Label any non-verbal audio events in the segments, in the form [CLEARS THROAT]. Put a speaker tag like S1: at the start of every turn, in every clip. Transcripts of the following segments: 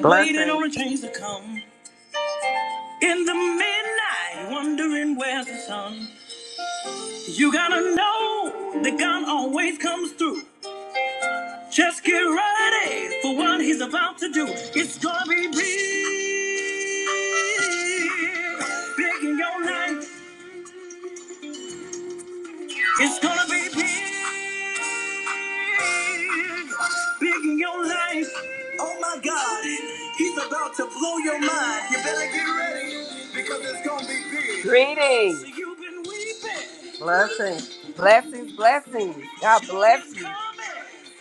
S1: Blessing,
S2: Greetings,
S1: blessing.
S2: blessings, blessings. God,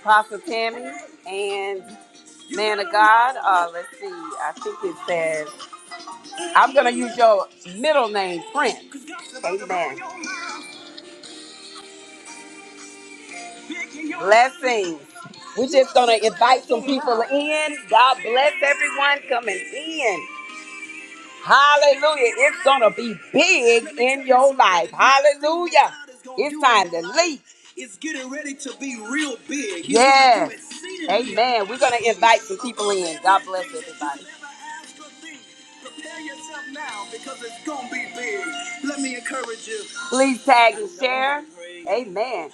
S2: Apostle Tammy and man, God, uh, let's see, I think it says, I'm going to use your middle name, Prince. Amen. Blessings. We're just going to invite some people in. God bless everyone coming in. Hallelujah. It's going to be big in your life. Hallelujah. It's time to leap. Yes. Amen. We're going to invite some people in. God, please tag. Amen.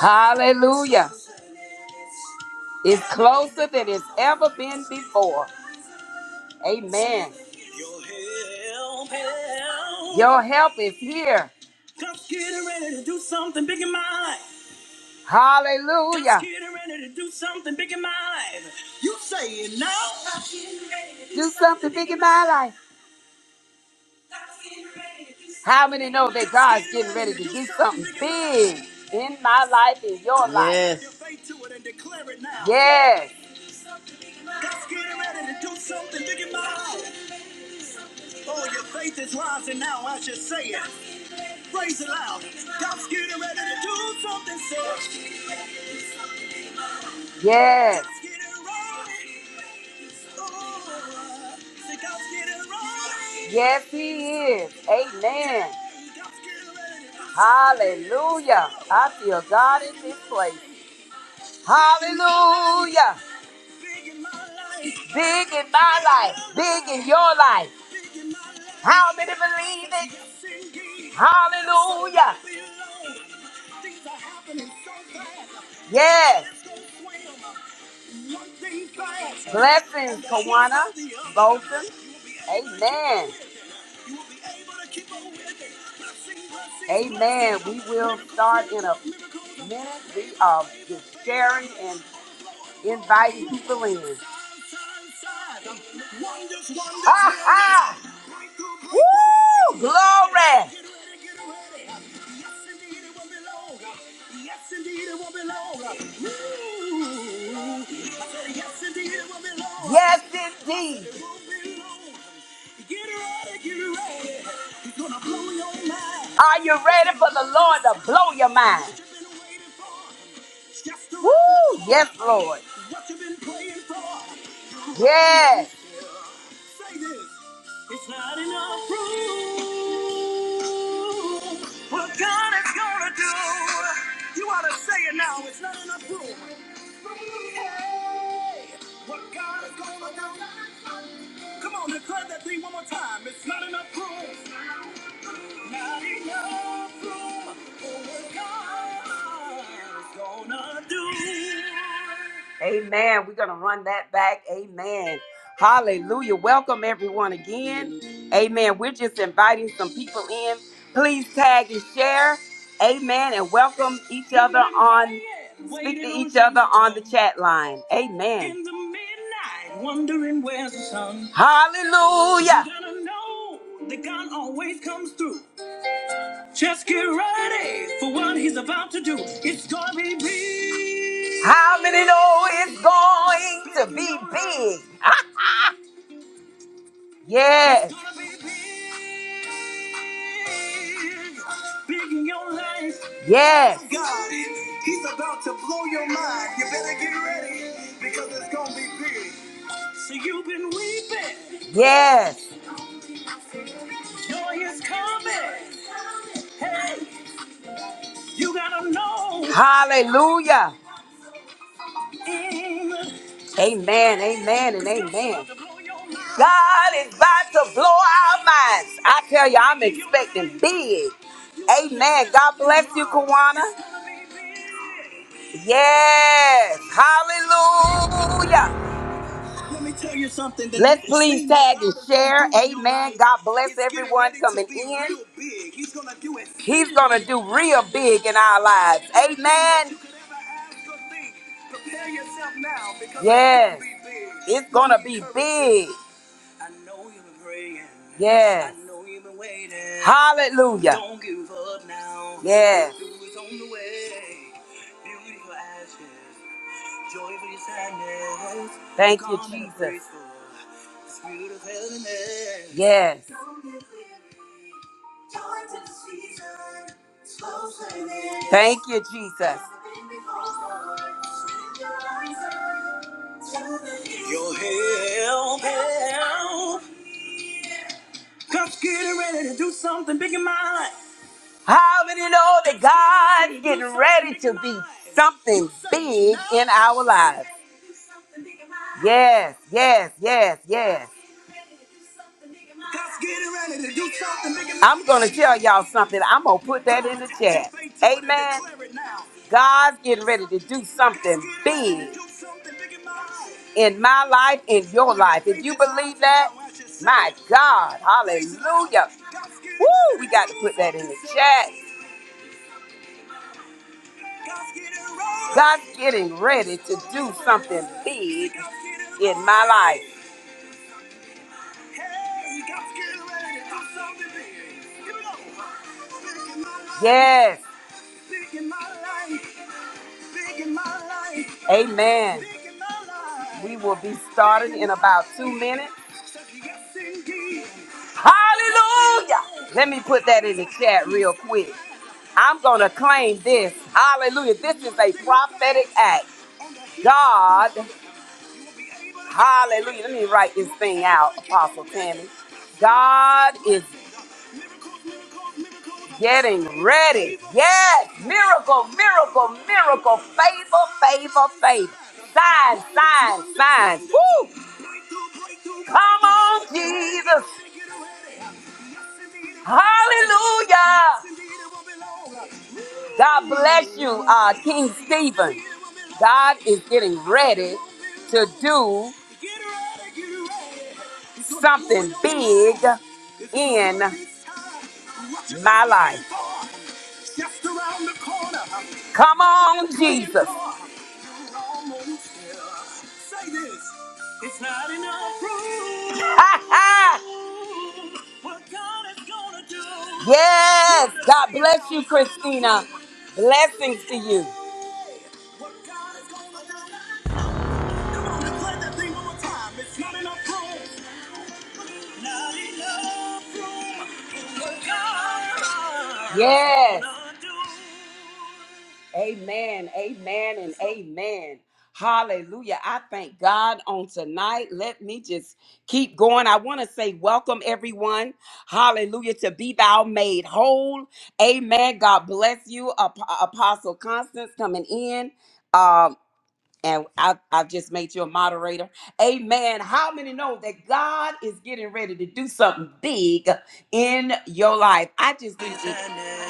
S2: Hallelujah. It's closer than it's ever been before. Amen. Your help is here. Hallelujah. Do something big in my life. How many know that God's getting ready to do big in my life, in your life?
S1: Yes.
S2: Yes, yes, yes, He is. Amen. Hallelujah. I feel God in this place. Hallelujah. Big in my life, big in your life. How many believe it? Hallelujah. Yes. Blessings, Kawana, Bolton. Amen. Amen. We will start in a minute. We are just sharing and inviting people in. Ha ha! Woo! Glory! Yes, indeed. Are you ready for the Lord to blow your mind? Woo! Yes, Lord. Yes. Amen. We're going to run that back. Amen. Hallelujah. Welcome everyone again. Amen. We're just inviting some people in. Please tag and share. Amen. And welcome each other the chat line. Amen. Hallelujah. How many know it's going? big? Yes. Yes. Yes. Hallelujah. Amen. Amen. And God is about to blow our minds. I tell you, I'm expecting big. Amen. God bless you, Kawana. Yes. Hallelujah. Let's tag share. Amen. God bless coming in. He's going to do real big in our lives. Amen. Yes. It's going to be big. Hallelujah. Yes. Thank you, Jesus. How many know that God is getting ready to be something big in our lives? Yes, yes, yes, yes. I'm going to tell y'all something. I'm going to put that in the chat. Amen. God's getting ready to do something in my life, in your life. My God, hallelujah. Chat. God's getting ready to do something big in my life. Yes, amen. We will be starting in about two minutes. Hallelujah. Let me put that in the chat real quick. I'm going to claim this. Hallelujah. This is a prophetic act. God, hallelujah. Let me write this thing out, Apostle Tammy. God is getting ready. Yes. Miracle, miracle, miracle. Favor, favor, favor. Sign, sign, sign. Woo. Come on, Jesus. Hallelujah. God bless you, uh, King Stephen. God is getting ready to do something in my life. Come on, Jesus. [LAUGHS] yes. God bless you, Christina. Blessings to you. Yes. Amen, amen, and amen. Hallelujah. I thank God on tonight. Let me just keep going. I want to say, welcome everyone. Hallelujah. To be thou made whole. Amen. God bless you, Ap- Apostle Constance, coming in. Um, and I, I just made you a moderator. Amen. How many know that God is getting ready to do something big in your life? I just didn't.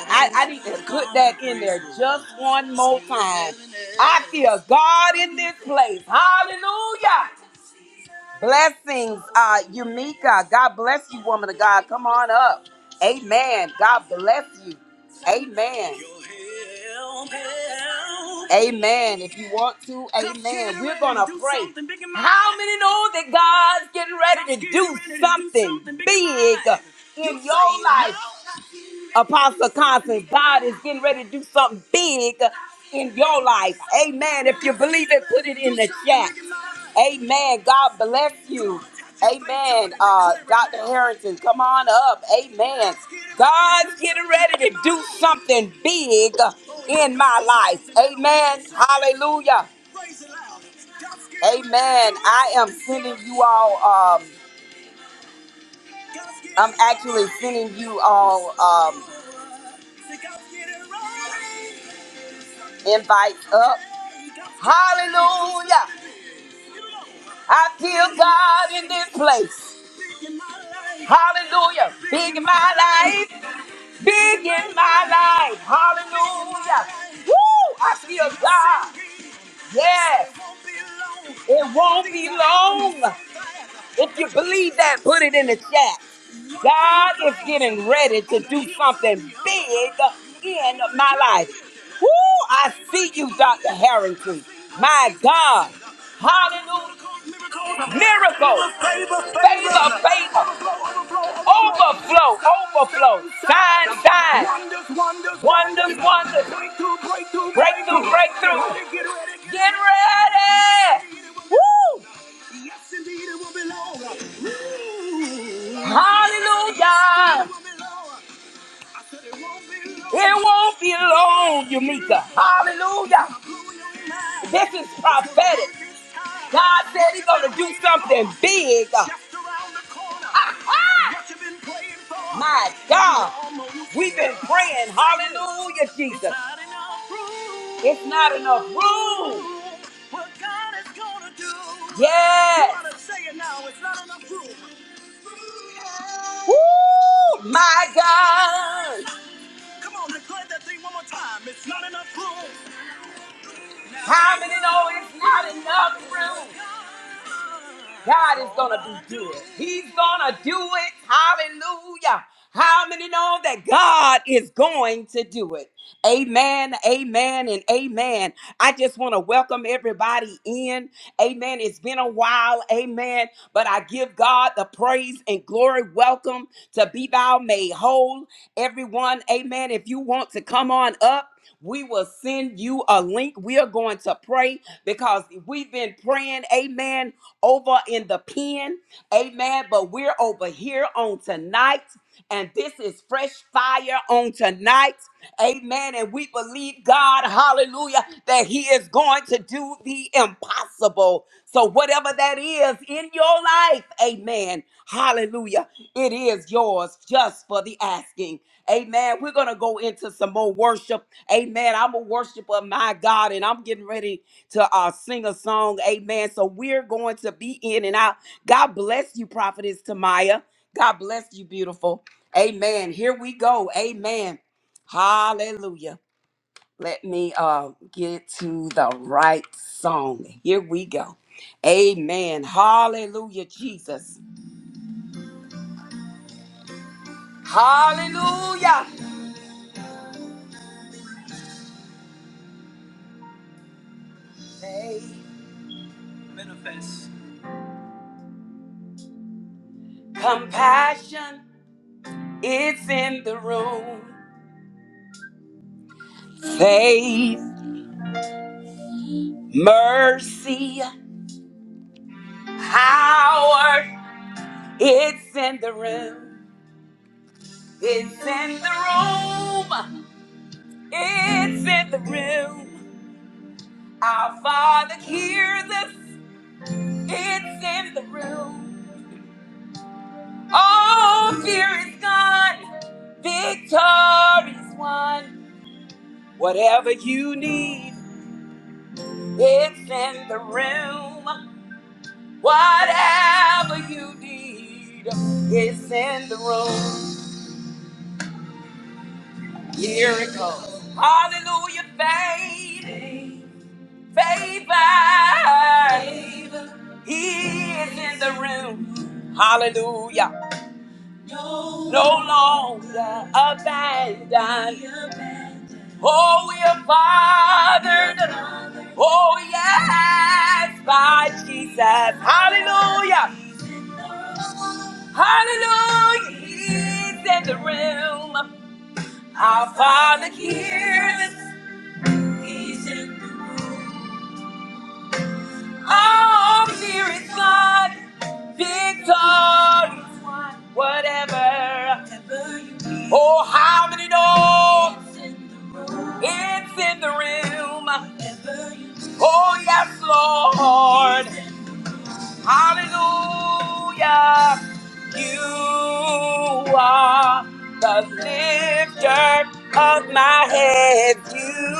S2: I, I need to put that in there just one more time. I feel God in this place. Hallelujah. Blessings, uh, Yumika. God bless you, woman of God. Come on up. Amen. God bless you. Amen. Amen. If you want to, amen. We- How many know that God's getting ready to in your life, Apostle Constance? God is getting ready to do something big in your life. Amen. If you believe it, put it in the chat. Amen. God bless you. Amen. Uh, Dr. Harrington, come on up. Amen. God's getting ready to do something big in my life. Amen. Hallelujah. Amen. I am sending you all, um, I'm actually sending you all um, invites up. Hallelujah. I feel God in this place. Hallelujah. Big in my life. big in my life. Hallelujah. Woo! I feel God. Yes. It won't be long. If you believe that, put it in the chat. God is getting ready to do something big in my life. Woo! I see you, Dr. Harrington. My God. Hallelujah. Miracles. Favor, favor. Overflow, overflow. Sign, sign. Wonders, wonders. Breakthrough, breakthrough. Get ready! Woo! Hallelujah! It won't be long, Yamika. Hallelujah! This is prophet. God said something big. God, God praying. Hallelujah, Jesus. It's not enough room. Yeah. Woo! My God. How many know it's not enough room? God is going to do good. He's going to do it. Hallelujah. How many know that God is going to do it? Amen, amen, and amen. I just want to welcome everybody in. Amen. It's been a while. Amen. But I give God the praise and glory. Welcome to Be Thou Made Whole. Everyone, amen. If you want to come on up, we will send you a link. We are going to pray because we've been praying, amen, over in the pen, amen. But we're over here on tonight, and this is fresh fire on tonight, amen. And we believe God, hallelujah, that He is going to do the impossible. So, whatever that is in your life, amen, hallelujah, it is yours just for the asking. Amen. We're going to go into some more worship. Amen. I'm a worshiper of my God and I'm getting ready to uh, sing a song. Amen. So we're going to be in and out. God bless you, Prophetess Tamaya. God bless you, beautiful. Amen. Here we go. Amen. Hallelujah. Let me uh, get to the right song. Here we go. Amen. Hallelujah, Jesus. Hallelujah. Faith, compassion. It's in the room. Faith, mercy, power. It's in the room. It's in the room. It's in the room. Our Father hears us. It's in the room. All fear is gone. Victory's won. Whatever you need, it's in the room. Whatever you need is in the room. Miracles. Hallelujah. Faith. Favor. He is in the room. Hallelujah. No longer abandoned. Oh, we are fathered. Oh, yes, by Jesus. Hallelujah. Hallelujah. He's in the room. Our Father hears all fear is not victory, whatever. Oh, how many know it's in the room? Oh, yes, Lord. Hallelujah. You are the lifter of my head. You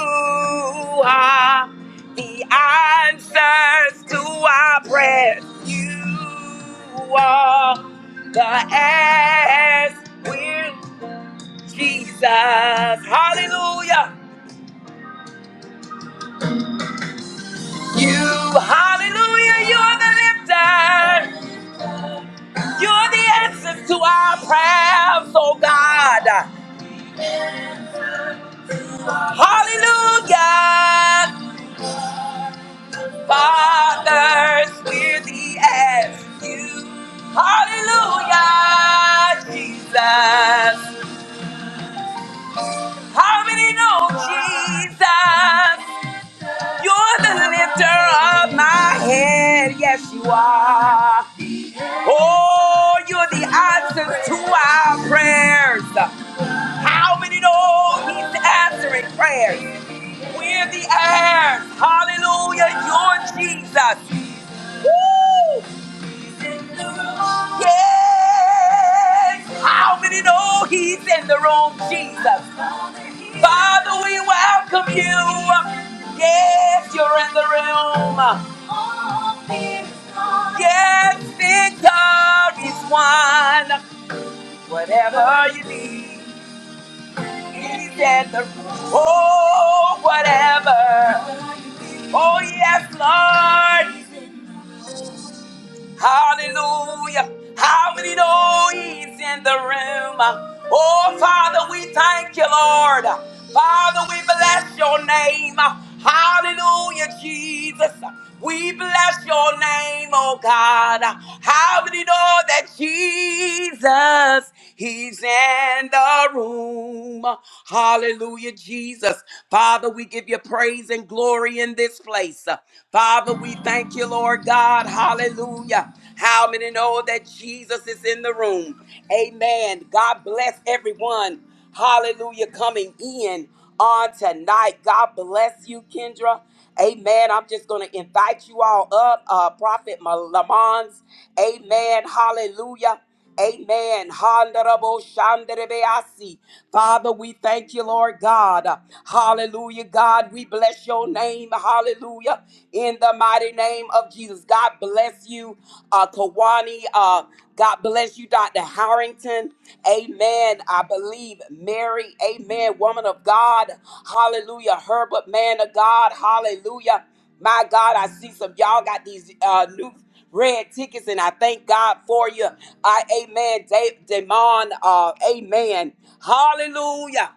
S2: are the answers to our prayers. You are the ass with Jesus. Hallelujah. You, hallelujah, you're the lifter. You're the answer to our prayers, oh God. Hallelujah. Fathers, we're the you. Hallelujah, Jesus. How many know Jesus? You're the lifter of my head. Yes, you are. Oh, you're the answer to our prayers. How many know he's answering prayers? We're the heirs. Hallelujah. You're Jesus. Woo! Yes! How many know he's in the room, Jesus? Father, we welcome you. Yes, you're in the room. Yes, victory is won. Whatever you need, he's in the room. Oh, whatever. Oh, yes, Lord. Hallelujah. How many know he's in the room? Oh, Father, we thank you, Lord. Father, we bless your name. Hallelujah, Jesus. We bless your name, oh God. How many know that Jesus, he's in the room? Hallelujah, Jesus. Father, we give you praise and glory in this place. Father. Father, we thank you, Lord God. Hallelujah. How many know that Jesus is in the room? Amen. God bless everyone. Hallelujah. Coming in on tonight. God bless you, Kendra. Amen. I'm just going to invite you all up. Uh, Prophet Lamons. Amen. Hallelujah. Amen. Honorable Shandarabeasi. Father, we thank you, Lord God. Hallelujah, God. We bless your name. Hallelujah. In the mighty name of Jesus. God bless you, uh, Kawani. Uh, God bless you, Dr. Harrington. Amen. I believe Mary. Amen. Woman of God. Hallelujah. Herbert, man of God. Hallelujah. My God, I see some y'all got these uh, new red tickets, and I thank God for you. I amen, De- Demon. Uh, amen. Hallelujah.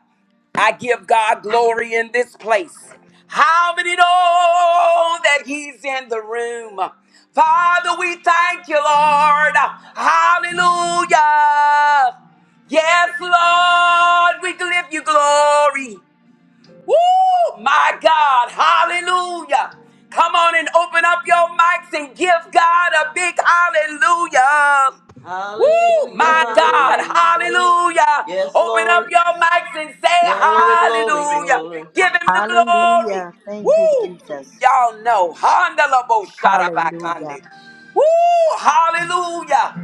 S2: I give God glory in this place. How many know that He's in the room? Father, we thank you, Lord. Hallelujah. Yes, Lord, we give you glory. Woo! My God. Hallelujah. Come on and open up your mics and give God a big hallelujah. Woo!
S1: Hallelujah,
S2: My God.
S3: Hallelujah,
S1: hallelujah.
S2: Hallelujah.
S1: Yes,
S2: Open up
S1: Lord.
S2: your mics and say
S1: Glory, glory,
S2: hallelujah.
S1: glory.
S2: Give him the glory.
S4: Hallelujah. Thank you,
S2: Woo!
S4: Jesus.
S2: Y'all know. Handalabo
S4: Hallelujah.
S2: sharabakande. Woo! Hallelujah.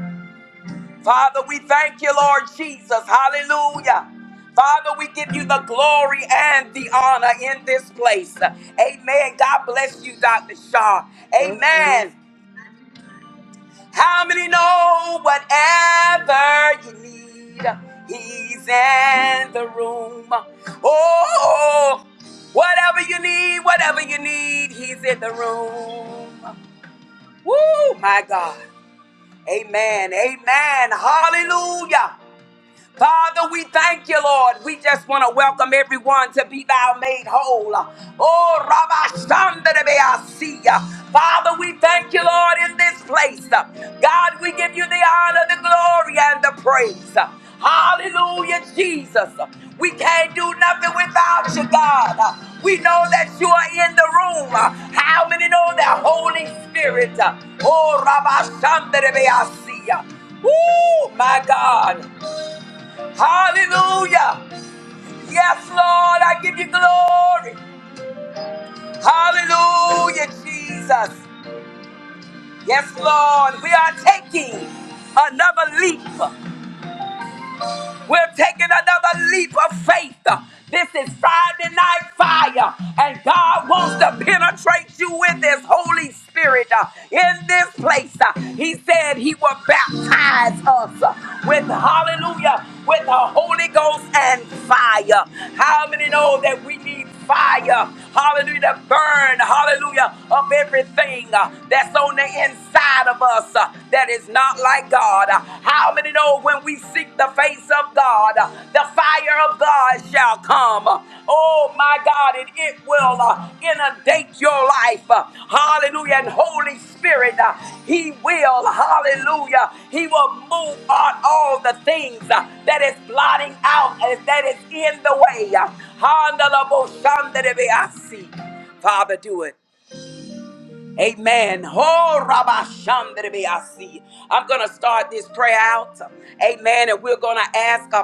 S2: Father, we thank you, Lord Jesus. Hallelujah. Father, we give you the glory and the honor in this place. Amen. God bless you, Dr. Shaw.
S4: Blessings.
S2: Amen. How many know whatever you need? He's in the room. Oh, whatever you need, whatever you need, he's in the room. Woo, my God. Amen. Amen. Hallelujah. Father, we thank you, Lord. We just want to welcome everyone to be thou made whole. Oh, Rabbi Shandarabeasia. Father, we thank you, Lord, in this place. God, we give you the honor, the glory, and the praise. Hallelujah, Jesus. We can't do nothing without you, God. We know that you are in the room. How many know that Holy Spirit? Oh, Rabbi Shandarabeasia. Woo, my God. Hallelujah. Yes, Lord, I give you glory. Hallelujah, Jesus. Yes, Lord, we are taking another leap. We're taking another leap of faith. This is Friday night fire, and God wants to penetrate you with His Holy Spirit uh, in this place. Uh, He said He will baptize us uh, with hallelujah, with the Holy Ghost and fire. How many know that we need? fire, hallelujah, to burn, hallelujah, up everything uh, that's on the inside of us uh, that is not like God. Uh, How many know when we seek the face of God, uh, the fire of God shall come? Uh, Oh my God, and it will. uh, uh, inundate your life. uh, Hallelujah. And Holy Spirit, uh, He will, hallelujah, He will move on all the things uh, that is blotting out and that is in the way. uh, Father, do it. Amen. Oh, Rabbi Shandribi, I see. I'm going to start this prayer out. Amen. And we're going to ask uh,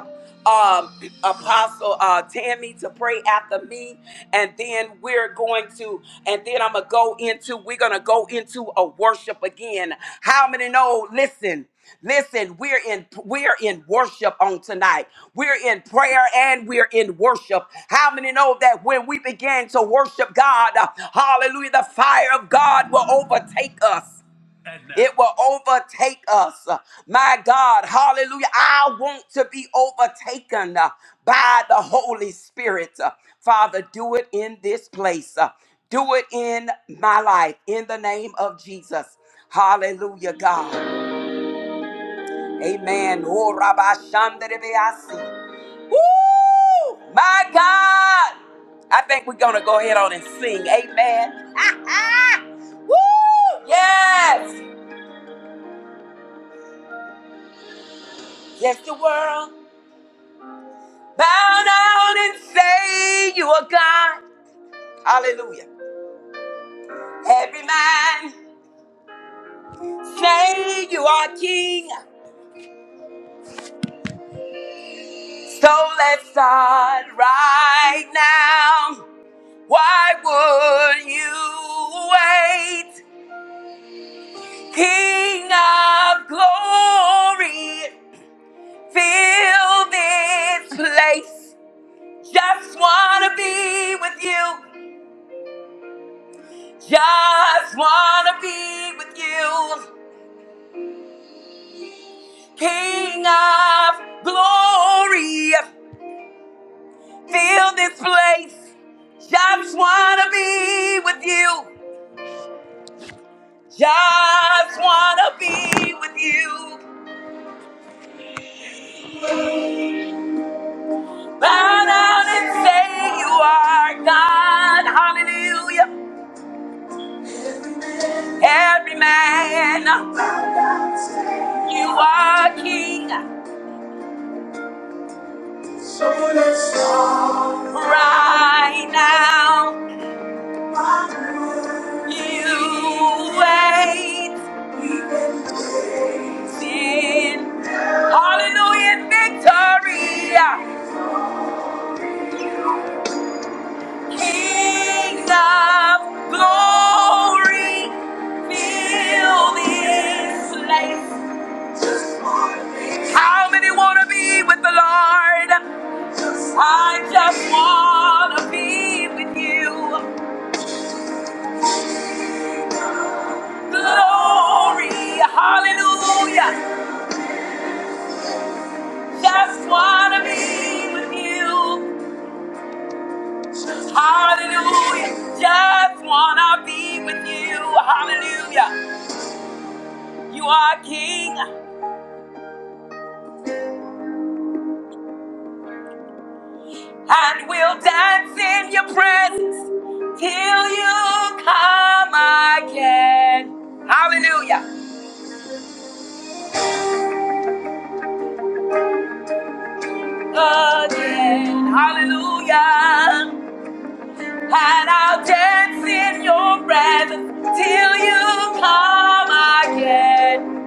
S2: um, Apostle uh, Tammy to pray after me. And then we're going to, and then I'm going to go into, we're going to go into a worship again. How many know? Listen. Listen, we're in we're in worship on tonight. We're in prayer and we're in worship. How many know that when we begin to worship God, uh, hallelujah, the fire of God will overtake us. It will overtake us. My God, hallelujah. I want to be overtaken uh, by the Holy Spirit. Uh, Father, do it in this place. Uh, Do it in my life in the name of Jesus. Hallelujah, God. Amen. Oh, Rabbi Shandarebeasi. Woo! My God! I think we're going to go ahead on and sing. Amen. [LAUGHS] Woo! Yes! Yes, the world. Bow down and say you are God. Hallelujah. Every man say you are king. So let's start right now. Why would you wait? King of glory, fill this place. Just wanna be with you. Just wanna be with you. King of glory, fill this place. Just wanna be with you. Just wanna be with you. Bow down and say you are God. Hallelujah. Every man, you are king right now. You reign in hallelujah victory, King of glory. Fill this place. How many want to be with the Lord? I just want to be with you. Glory, hallelujah. Just wanna be with you. Hallelujah. Just wanna be with you. Hallelujah. You are King, and we'll dance in your presence till you come again. Hallelujah. Again. Hallelujah. And I'll dance in your presence till you come again.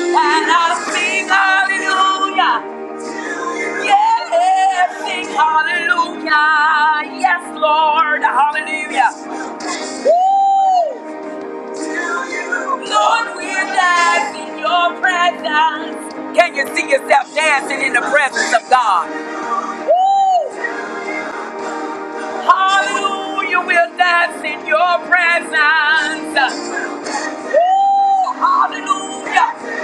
S2: And I'll sing hallelujah. Yes, sing hallelujah. Yes, Lord, hallelujah. Woo! Lord, we're dancing in your presence. Can you see yourself dancing in the presence of God? Woo! Hallelujah, we'll dance in your presence. Woo! Hallelujah,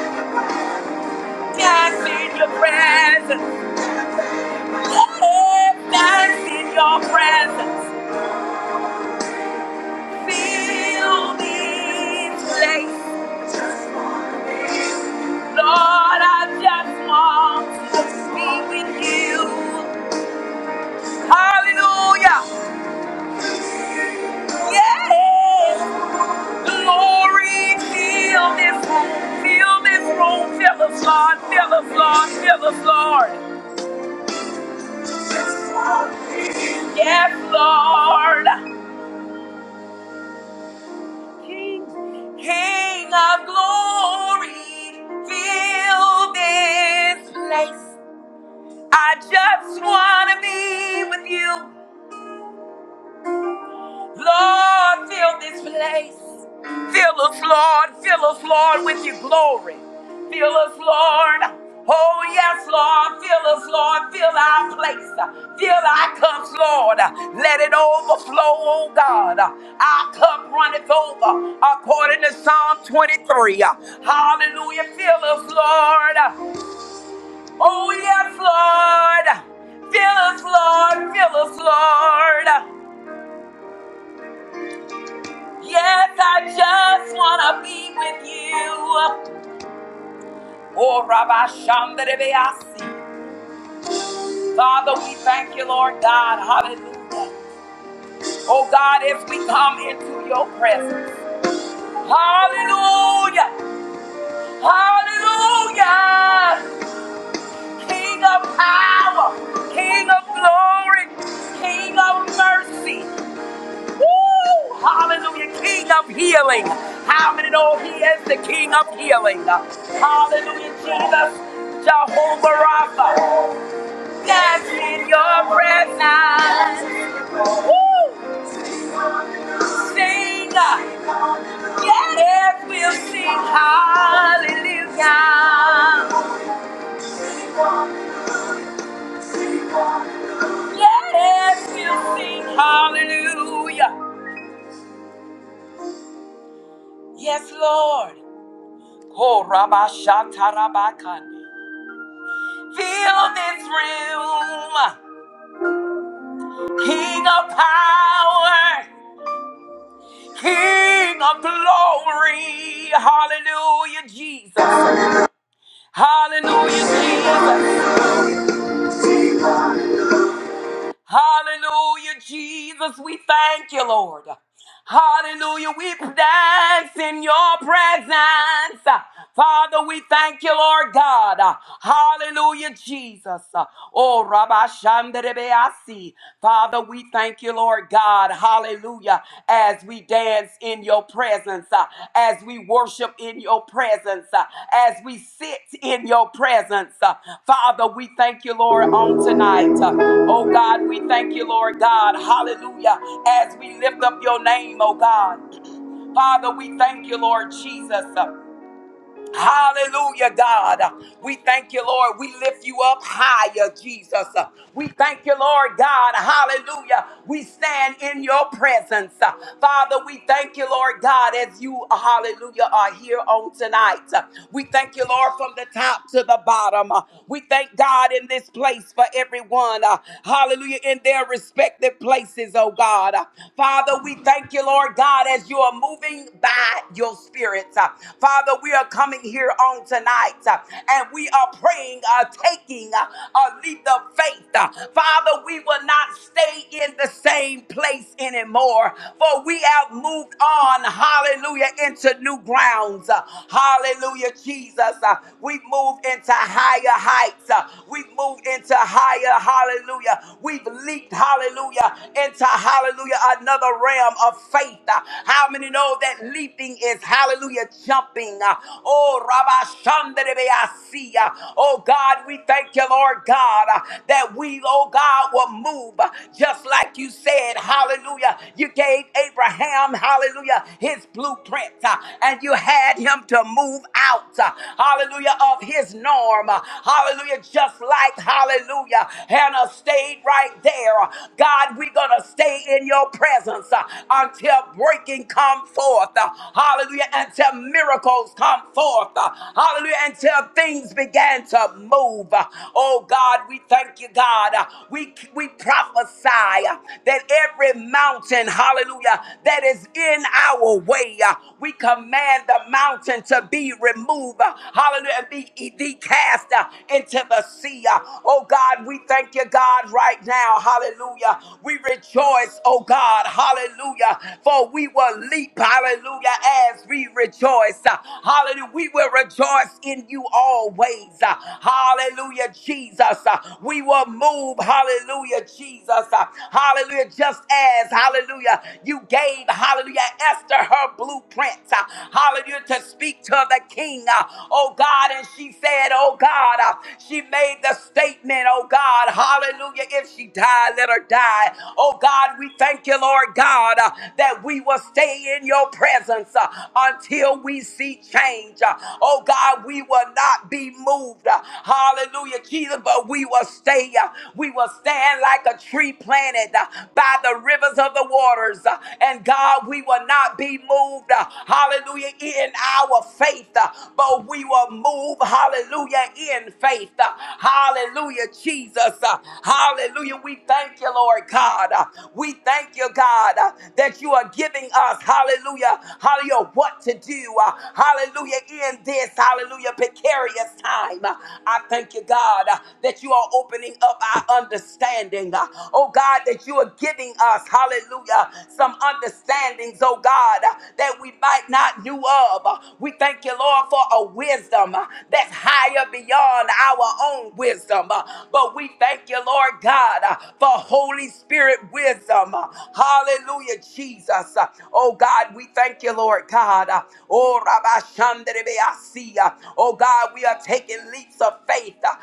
S2: dance in your presence. Yes, dance in your presence. Feel this place. Lord, I just want to be with you. Hallelujah. Yes. Glory, fill this room, fill this room, fill us, Lord, fill us, Lord, fill us, Lord. Yes, Lord. King, King of glory, fill this place. I just want to be with you. Lord, fill this place. Fill us, Lord. Fill us, Lord, with your glory. Fill us, Lord. Oh, yes, Lord. Fill us, Lord. Fill our place. Fill our cups, Lord. Let it overflow, oh God. Our cup runneth over according to Psalm 23. Hallelujah. Fill us, Lord. Oh, yes, Lord. Fill us, Lord. Fill us, Lord. Yes, I just want to be with you. Oh, Rabbi Shandarebeasi. Father, we thank you, Lord God. Hallelujah. Oh, God, as we come into your presence. Hallelujah. Hallelujah. King of power, King of glory, King of mercy. Woo! Hallelujah, King of healing. How many know He is the King of healing? Hallelujah, Jesus, Jehovah Rapha. That's in your presence. Woo! Sing, yes, we'll sing hallelujah. Yes, we'll sing hallelujah. Yes, Lord. Oh, Rabba Shatarabakande. Fill this room, King of power, King of glory. Hallelujah, Jesus. Hallelujah, Jesus. Hallelujah, Jesus. We thank you, Lord. Hallelujah. We dance in your presence. Father, we thank you, Lord God. Hallelujah, Jesus. Oh, Rabbi Shanderebeasi, Father, we thank you, Lord God. God. Hallelujah. As we dance in your presence, uh, as we worship in your presence, uh, as we sit in your presence. uh, Father, we thank you, Lord, on tonight. Uh, Oh God, we thank you, Lord God. Hallelujah. As we lift up your name, oh God. Father, we thank you, Lord Jesus. Uh, Hallelujah, God. We thank you, Lord. We lift you up higher, Jesus. We thank you, Lord God. Hallelujah. We stand in your presence. Father, we thank you, Lord God, as you, hallelujah, are here on tonight. We thank you, Lord, from the top to the bottom. We thank God in this place for everyone. Hallelujah, in their respective places, oh God. Father, we thank you, Lord God, as you are moving by your evil spirits. Uh, Father, we are coming here on tonight uh, and we are praying, uh, taking uh, a leap of faith. Uh, Father, we will not stay in the same place anymore, for we have moved on, hallelujah, into new grounds. Uh, Hallelujah, Jesus. Uh, We move into higher heights. Uh, We move into higher, hallelujah. We've leaped, hallelujah, into, hallelujah, another realm of faith uh, how many know that leaping is hallelujah jumping? uh, oh, Rabbi Shandarabeasi. uh, Oh, God, we thank you, Lord God, uh, that we, oh God, will move uh, just like you said. Hallelujah. You gave Abraham, hallelujah, his blueprint, uh, and you had him to move out, uh, hallelujah, of his norm. uh, Hallelujah. Just like, hallelujah, Hannah stayed right there. Uh, God, we're going to stay in your presence uh, until breaking come forth. uh, Hallelujah. Until miracles come forth. uh, Hallelujah. Until things began to move. Uh, Oh God, we thank you, God. Uh, We we prophesy uh, that every mountain, hallelujah, that is in our way, uh, we command the mountain to be removed. uh, Hallelujah. and Be, be cast uh, into the sea. uh. Oh God, we thank you, God, right now now. Hallelujah. We rejoice, oh God. Hallelujah. For we will leap. Hallelujah. As we rejoice. Hallelujah. We will rejoice in you always. Hallelujah, Jesus. We will move. Hallelujah, Jesus. Hallelujah. Just as, hallelujah, you gave, hallelujah, Esther her blueprint. Hallelujah, to speak to the king. Oh God. And she said, oh God, she made the statement commitment, oh God. Hallelujah. If she died, let her die. Oh God, we thank you, Lord God, uh, that we will stay in your presence uh, until we see change. Uh, oh God, we will not be moved. Uh, hallelujah, Jesus, but we will stay. uh, we will stand like a tree planted uh, by the rivers of the waters. Uh, and God, we will not be moved. Uh, hallelujah, in our faith, uh, but we will move. Hallelujah, in faith. Uh, Hallelujah, Jesus. Uh, Hallelujah. We thank you, Lord God. Uh, We thank you, God, uh, that you are giving us, hallelujah, hallelujah, what to do. Uh, Hallelujah, in this, hallelujah, precarious time. Uh, I thank you, God, uh, that you are opening up our understanding. Uh, Oh, God, that you are giving us, hallelujah, some understandings, oh, God, uh, that we might not knew of. Uh, We thank you, Lord, for a wisdom uh, that's higher beyond our own wisdom. uh, But we thank you, Lord God, uh, for Holy Spirit wisdom. uh, Hallelujah, Jesus. uh, Oh God, we thank you, Lord God. uh, Oh Rabbi Shandribeasi, uh, Oh God, we are taking leaps of faith uh,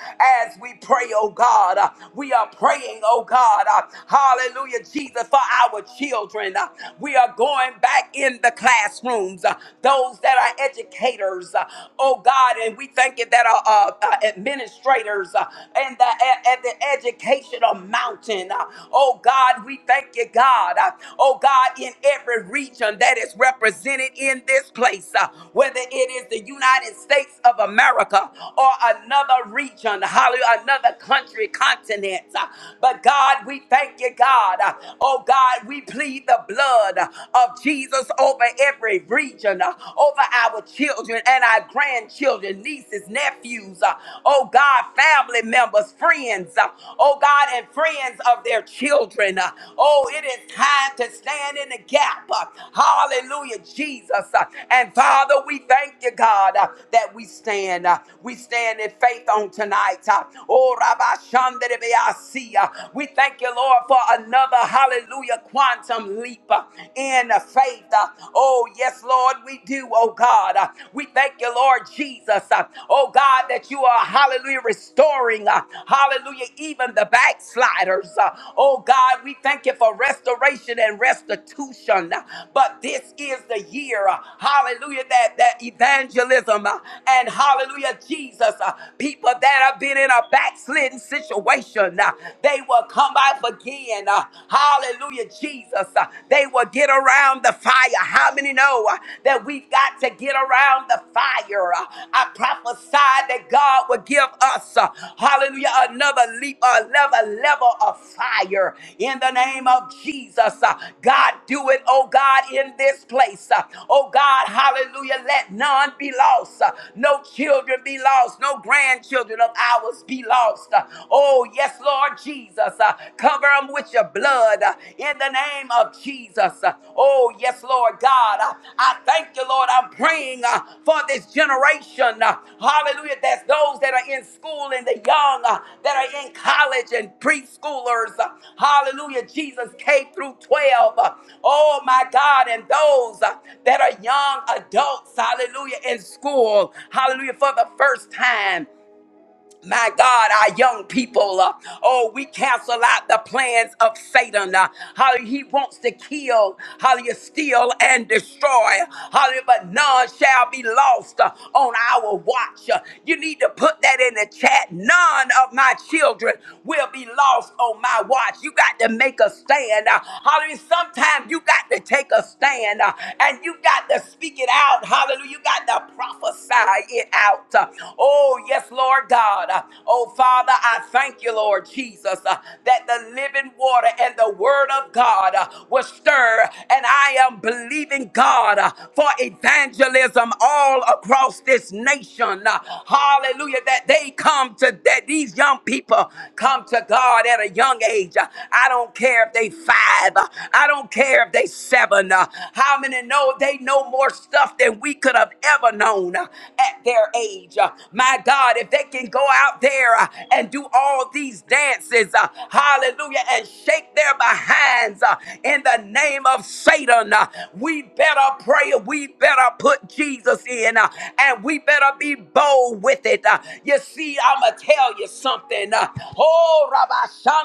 S2: as we pray, oh God. uh, We are praying, oh God. uh, Hallelujah, Jesus, for our children. uh, We are going back in the classrooms. Uh, those that are educators, uh, oh God, and we thank you that are uh, uh, administrators uh, and the, at, at the educational mountain, uh, oh God, we thank you, God, uh, oh God, in every region that is represented in this place, uh, whether it is the United States of America or another region, hallelujah, another country, continent, uh, but God, we thank you, God, uh, oh God, we plead the blood uh, of of Jesus over every region, uh, over our children and our grandchildren, nieces, nephews, uh, oh God, family members, friends, uh, oh God, and friends of their children. uh, Oh, it is time to stand in the gap. uh, Hallelujah, Jesus. uh, And Father, we thank you, God, uh, that we stand. uh, We stand in faith on tonight. uh, Oh, Rabbi Shandere Beasi, uh, we thank you, Lord, for another hallelujah hallelujah, quantum leap uh, in uh, faith. uh, Oh, yes, Lord, we do, oh God. Uh, We thank you, Lord Jesus, uh, oh God, that you are, hallelujah, restoring, uh, hallelujah, even the backsliders. uh, Oh God, we thank you for restoration and restitution. uh, But this is the year, uh, hallelujah, that, that evangelism uh, and hallelujah, Jesus, uh, people that have been in a backslidden situation, uh, they will come come off again. Uh, hallelujah, Jesus. Uh, they will get around the fire. How many know uh, that we've got to get around the fire? Uh, I prophesy that God will give us, uh, hallelujah, another leap, another level of fire in the name of Jesus. Uh, God, do it, oh God, in this place. Uh, oh God, hallelujah, let none be lost. Uh, no children be lost. No grandchildren of ours be lost. Uh, Oh, yes, Lord Jesus. Uh, Cover them with your blood uh, in the name of Jesus. Uh, Oh, yes, Lord God. Uh, I thank you, Lord. I'm praying uh, for this generation. Uh, Hallelujah. That's those that are in school and the young uh, that are in college and preschoolers. Uh, Hallelujah. Jesus, K through 12. Uh, Oh, my God. And those uh, that are young adults. Hallelujah. In school. Hallelujah. For the first time my God, our young people, uh, oh, we cancel out the plans of Satan. Uh, how he wants to kill, how you steal and destroy. How but none shall be lost uh, on our watch. Uh, you need to put that in the chat. None of my children will be lost on my watch. You got to make a stand. Uh, hallelujah. Sometimes you got to take a stand uh, and you got to speak it out. Hallelujah. You got to prophesy it out. Uh, oh, yes, Lord God. God. Uh, Oh, Father, I thank you, Lord Jesus, uh, that the living water and the word of God uh, will stir. And I am believing God uh, for evangelism all across this nation. Uh, Hallelujah. That they come to, that these young people come to God at a young age. Uh, I don't care if they five. Uh, I don't care if they seven. Uh, How many know they know more stuff than we could have ever known uh, at their age? Uh, My God, if that they can go out there uh, and do all these dances, uh, hallelujah, and shake their behinds uh, in the name of Satan. Uh, we better pray, we better put Jesus in, uh, and we better be bold with it. Uh, you see, I'm going to tell you something. Uh, oh, Rabbi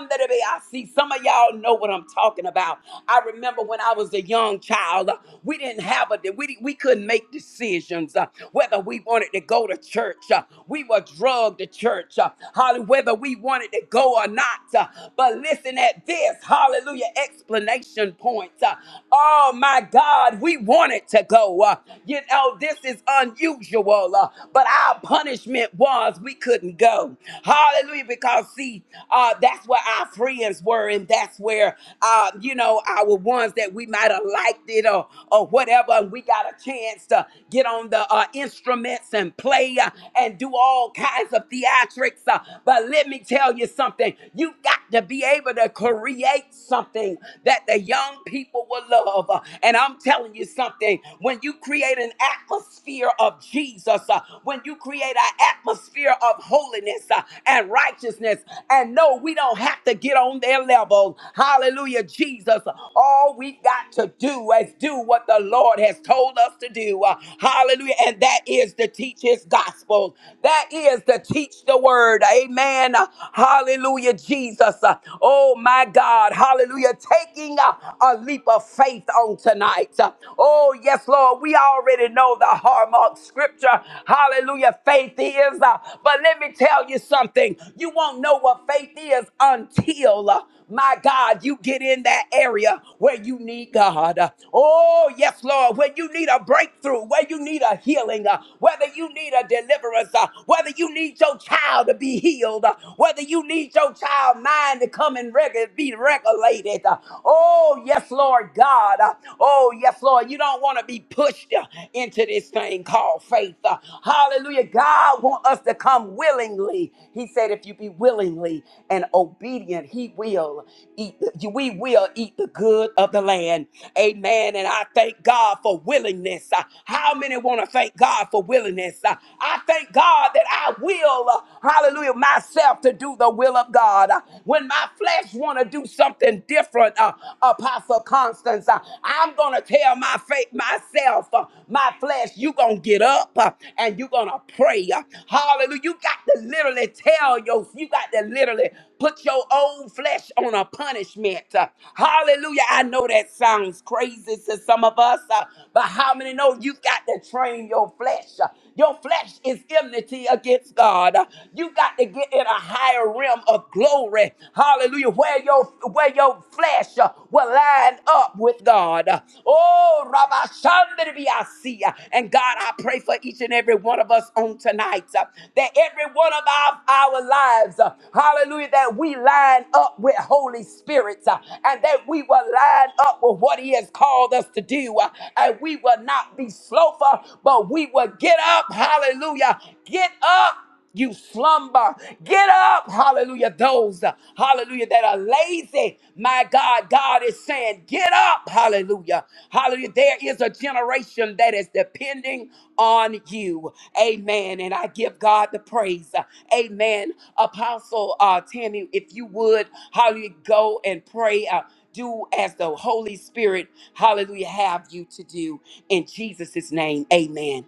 S2: Shandarebe, I see some of y'all know what I'm talking about. I remember when I was a young child, uh, we didn't have a, we, we couldn't make decisions uh, whether we wanted to go to church. Uh, we we were drugged to church, uh, hallelujah, whether we wanted to go or not. uh, but listen at this, hallelujah, explanation point. uh, oh my God, we wanted to go. uh, you know, this is unusual, uh, but our punishment was we couldn't go. Hallelujah, because see, uh, that's where our friends were, and that's where, uh, you know, our ones that we might have liked it or, or whatever, and we got a chance to get on the uh, instruments and play. uh, and and do all kinds of theatrics. uh, But let me tell you something you got to be able to create something that the young people will love. Uh, And I'm telling you something when you create an atmosphere of Jesus, uh, when you create an atmosphere of holiness uh, and righteousness, and no, we don't have to get on their level. Hallelujah, Jesus. All we got to do is do what the Lord has told us to do. Uh, Hallelujah. And that is to teach his gospel gospel. That is to teach the word. Amen. Hallelujah, Jesus. Oh, my God. Hallelujah. Taking a, a leap of faith on tonight. Oh, yes, Lord. We already know the hallmark scripture. Hallelujah. Faith is. uh, But let me tell you something. You won't know what faith is until. uh, my God, you get in that area where you need God. Oh, yes, Lord, where you need a breakthrough, where you need a healing, uh, whether you need a deliverance, uh, whether you need your child to be healed, uh, whether you need your child mind to come and reg- be regulated. uh, Oh, yes, Lord God. uh, Oh, yes, Lord, you don't want to be pushed uh, into this thing called faith. uh, Hallelujah. God wants us to come come willingly. He said, if you be willingly and obedient, he will eat, the, we will eat the good of the land. Amen. And I thank God for willingness. Uh, How many want to thank God for willingness? Uh, I thank God that I will, uh, hallelujah, myself to do the will of God. Uh, When my flesh want to do something different, uh, Apostle Constance, uh, I'm going to tell my faith myself, uh, uh, my flesh, you gonna get up uh, and you gonna pray. uh, hallelujah. You got to literally tell your, you got to literally put your own flesh on a punishment. uh, hallelujah. I know that sounds crazy to some of us, uh, but how many know you got to train your flesh? Uh, your flesh is enmity against God. You got to get in a higher realm of glory. Hallelujah. Where your where your flesh uh, will line up with God. Oh, Rabbi Shandribiasia. And God, I pray for each and every one of us on tonight uh, that every one of our, our lives, uh, hallelujah, that we line up with Holy Spirit uh, and that we will line up with what He has called us to do. uh, And we will not be slothful, but we will Get up. Hallelujah. Get up. You slumber. Get up. Hallelujah. Those, uh, hallelujah, that are lazy. My God, God is saying, get up. Hallelujah. Hallelujah. There is a generation that is depending on you. Amen. And I give God the praise. Amen. Apostle uh, Tammy, if you would, hallelujah, go and pray. Uh, do as the Holy Spirit, hallelujah, have you to do. In Jesus' name, amen.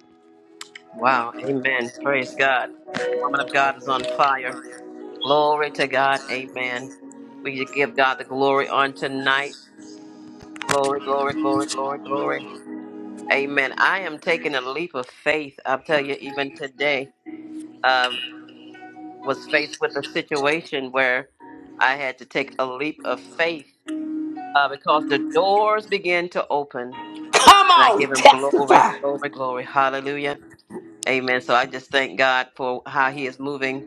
S1: Wow. Amen. Praise God. Woman of God is on fire. Glory to God. Amen. We give God the glory on tonight. Glory, glory, glory, glory, glory. Amen. I am taking a leap of faith. I'll tell you, even today, uh, was faced with a situation where I had to take a leap of faith uh, because the doors begin to open.
S2: Come
S1: And I give
S2: on,
S1: him glory,
S2: testify.
S1: glory, glory. Hallelujah. Amen. So I just thank God for how he is moving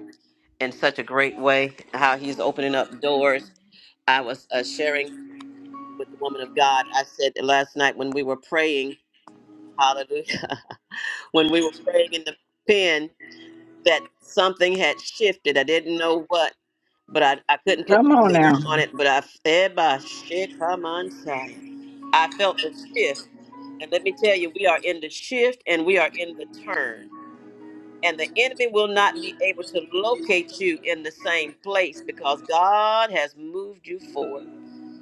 S1: in such a great way, how he's opening up doors. I was uh, sharing with the woman of God. I said that last night when we were praying, hallelujah, [LAUGHS] when we were praying in the pen, that something had shifted. I didn't know what, but I, I couldn't put
S5: Come
S1: my
S5: on
S1: finger
S5: now.
S1: on it. But I, Eba, Sheik, Haman, Shai. I felt the shift And let me tell you, we are in the shift and we are in the turn. And the enemy will not be able to locate you in the same place because God has moved you forward.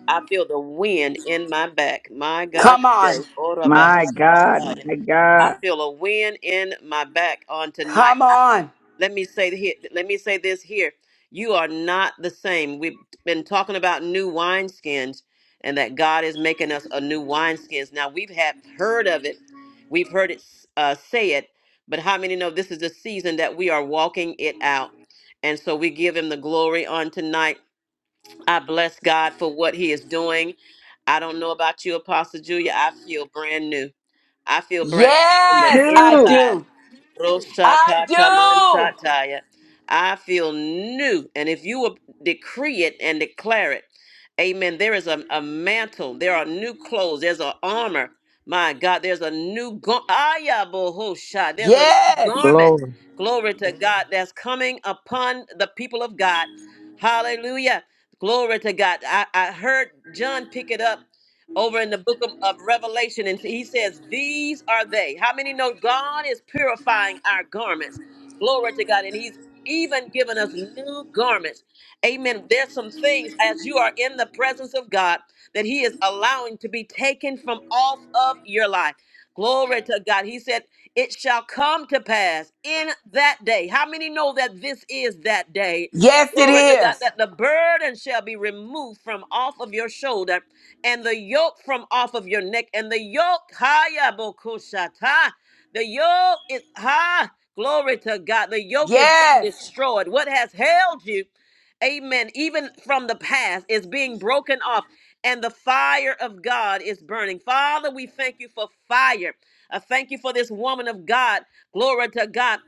S1: I feel the wind in my back. My God.
S2: Come on.
S1: today. Ora ba
S5: My
S1: ha ta
S5: God,
S1: ta ya.
S5: my God.
S1: I feel a wind in my back on tonight.
S2: Come
S1: I
S2: on.
S1: let me say here, let me say this here. You are not the same. We've been talking about new wineskins and that God is making us a new wineskins. Now we've had heard of it. We've heard it uh, say it, but how many know this is the season that we are walking it out? And so we give him the glory on tonight. I bless God for what he is doing. I don't know about you, Apostle Julia. I feel brand new. I feel brand new from the
S2: Yes, I
S5: New
S1: inside.
S2: do. I do.
S1: Roshakatamansataya. I feel new. And if you will decree it and declare it, amen. There is a, a mantle, there are new clothes, there's an armor. My God, there's a new garment. There's a new
S2: Yes.
S1: garment.
S5: glory.
S1: Glory to God that's coming upon the people of God. Hallelujah. Glory to God. I, I heard John pick it up over in the book of, of Revelation, and he says, These are they. How many know God is purifying our garments? Glory to God. And he's even given us new garments. Amen. There's some things as you are in the presence of God that he is allowing to be taken from off of your life. Glory to God. He said, It shall come to pass in that day. How many know that this is that day?
S2: Yes, it
S1: Glory to God,
S2: is.
S1: that the burden shall be removed from off of your shoulder and the yoke from off of your neck, and the yoke, haya bokushata. The yoke is ha. Glory to God. The yoke is being
S2: Yes.
S1: destroyed. What has held you, amen, even from the past, is being broken off, and the fire of God is burning. Father, we thank you for fire. I thank you for this woman of God. Glory to God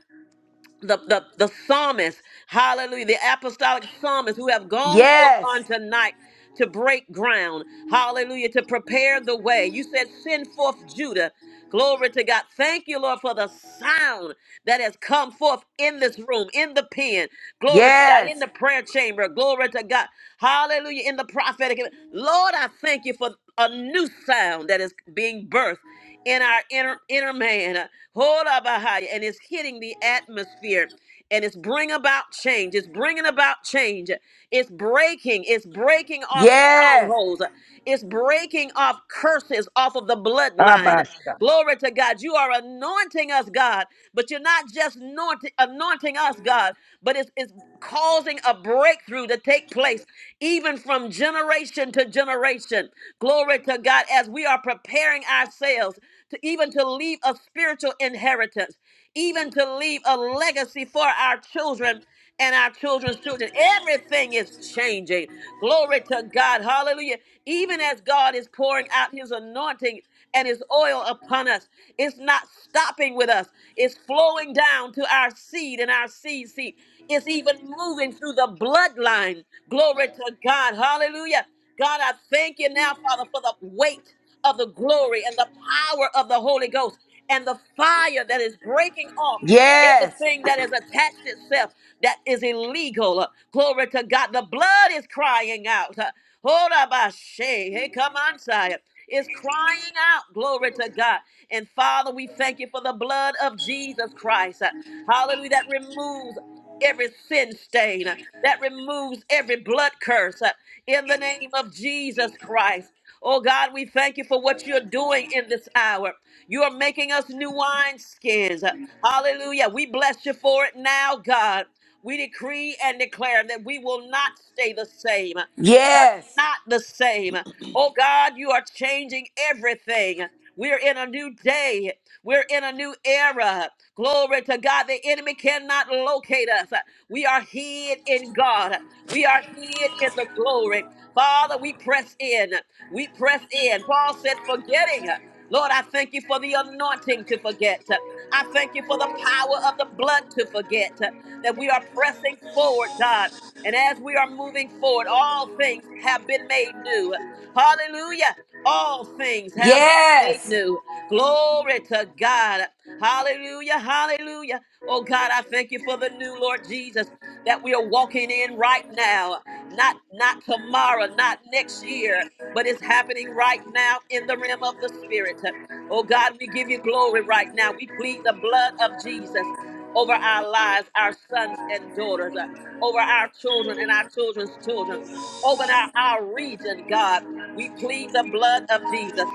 S1: the, the, the psalmists, hallelujah, the apostolic psalmists who have gone forth
S2: Yes.
S1: on tonight to break ground, hallelujah, to prepare the way. You said, send forth Judah. Glory to God. Thank you, Lord, for the sound that has come forth in this room, in the pen. Glory to God, in
S2: Yes.
S1: the prayer chamber. Glory to God. Hallelujah, in the prophetic. Lord, I thank you for a new sound that is being birthed in our inner, inner man. Hola bahaya, And it's hitting the atmosphere and it's bring about change. It's bringing about change. It's breaking, it's breaking off
S2: Yes.
S1: strongholds, it's breaking off curses off of the bloodline.
S5: Abasha.
S1: Glory to God. You are anointing us, God, but you're not just anointing, anointing us, God, but it's, it's causing a breakthrough to take place even from generation to generation. Glory to God as we are preparing ourselves to even to leave a spiritual inheritance, even to leave a legacy for our children and our children's children. Everything is changing. Glory to God. Hallelujah. Even as God is pouring out his anointing and his oil upon us, it's not stopping with us, it's flowing down to our seed and our seed seed. It's even moving through the bloodline. Glory to God. Hallelujah. God, I thank you now, Father, for the weight of the glory and the power of the Holy Ghost and the fire that is breaking off Everything that has attached itself that is illegal. uh, Glory to God. The blood is crying out. uh, Hold up, I say. Hey, come on, sire. Is crying out, glory to God. And Father, we thank you for the blood of Jesus Christ. uh, Hallelujah. That removes every sin stain, uh, that removes every blood curse uh, in the name of Jesus Christ. Oh God, we thank you for what you're doing in this hour. You are making us new wineskins. uh, Hallelujah. We bless you for it now, God. We decree and declare that we will not stay the same.
S2: Yes.
S1: We are
S2: Yes.
S1: not the same. Oh God, you are changing everything. We're in a new day. We're in a new era. Glory to God. The enemy cannot locate us. We are hid in God. We are hid in the glory. Father, we press in. We press in. Paul said, forgetting. Lord, I thank you for the anointing to forget. I thank you for the power of the blood to forget that we are pressing forward, God. And as we are moving forward, all things have been made new. Hallelujah. All things have been made
S2: Yes.
S1: new. Glory to God. Hallelujah. Hallelujah. Oh God, I thank you for the new Lord Jesus that we are walking in right now. Not not tomorrow, not next year, but it's happening right now in the realm of the spirit. Oh God, we give you glory right now. We plead the blood of Jesus over our lives, our sons and daughters, uh, over our children and our children's children, over our, our region, God. We plead the blood of Jesus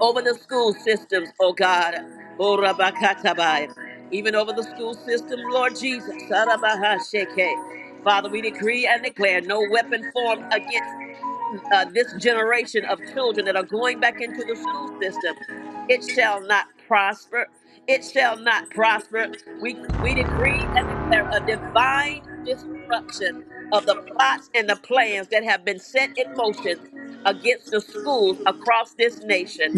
S1: over the school systems, oh God. Oh, Rabakatabai. Even over the school system, Lord Jesus. Sarabahashake. Father, we decree and declare no weapon formed against uh, this generation of children that are going back into the school system. It shall not prosper. It shall not prosper. We, we decree and declare a divine disruption of the plots and the plans that have been set in motion against the schools across this nation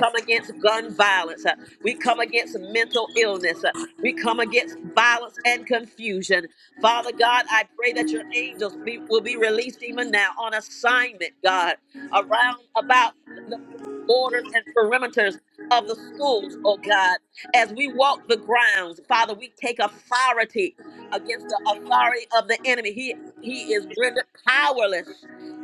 S1: come against gun violence. Uh, We come against mental illness. Uh, We come against violence and confusion. Father God, I pray that your angels be, will be released even now on assignment, God, around about the borders and perimeters of the schools, oh God. As we walk the grounds, Father, we take authority against the authority of the enemy. He he is rendered powerless.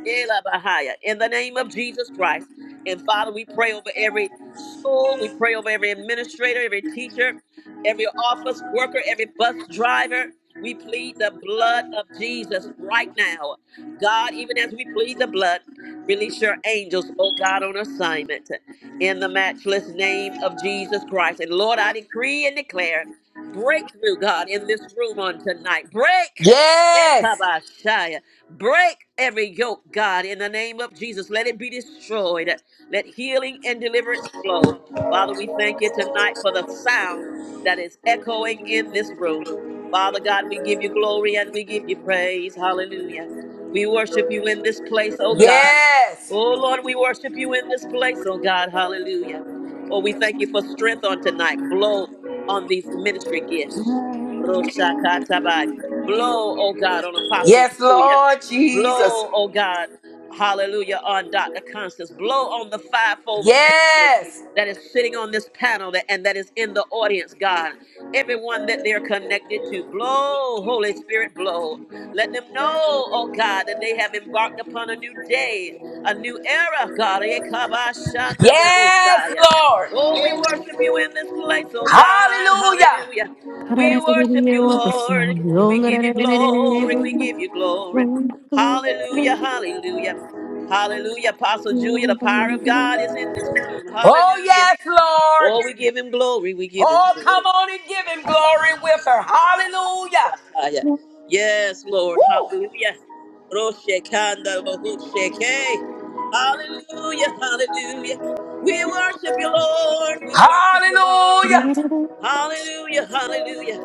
S1: Elabahaya, In the name of Jesus Christ. And Father, we pray over every school, we pray over every administrator, every teacher, every office worker, every bus driver. We plead the blood of Jesus right now. God, even as we plead the blood, release your angels, oh God, on assignment in the matchless name of Jesus Christ. And Lord, I decree and declare breakthrough, God, in this room on tonight. Break.
S2: Yes.
S1: Break every yoke, God, in the name of Jesus. Let it be destroyed. Let healing and deliverance flow. Father, we thank you tonight for the sound that is echoing in this room. Father God, we give you glory and we give you praise. Hallelujah. We worship you in this place, oh God.
S2: Yes.
S1: Oh Lord, we worship you in this place, oh God. Hallelujah. Oh, we thank you for strength on tonight. Blow on these ministry gifts. Roshakatabai. Blow, oh God, on Apostle
S2: Yes,
S1: Julia.
S2: Lord Jesus.
S1: Blow, oh God, hallelujah, on Dr. Constance. Blow on the fivefold ministry
S2: Yes.
S1: that is sitting on this panel that, and that is in the audience, God. Everyone that they're connected to, blow, Holy Spirit, blow. Let them know, oh God, that they have embarked upon a new day, a new era, God.
S2: Yes,
S1: Ekabashandabohosaya.
S2: Lord.
S1: Oh, we worship you in this place, oh God.
S2: Hallelujah.
S1: Hallelujah. We worship you, Lord. We give you glory. We give you glory. Hallelujah, hallelujah. Hallelujah. Apostle Julia, the power of God is in this room.
S2: Oh,
S1: Hallelujah.
S2: yes, Lord.
S1: Oh, we give him glory. We give him
S2: Oh,
S1: glory.
S2: come on and give him glory with her. Hallelujah.
S1: Yes, Lord.
S2: Woo.
S1: Hallelujah. Roshekanda Bahusheke. Hallelujah, hallelujah. We worship you, Lord. We worship you, Lord.
S2: Hallelujah.
S1: Hallelujah, hallelujah.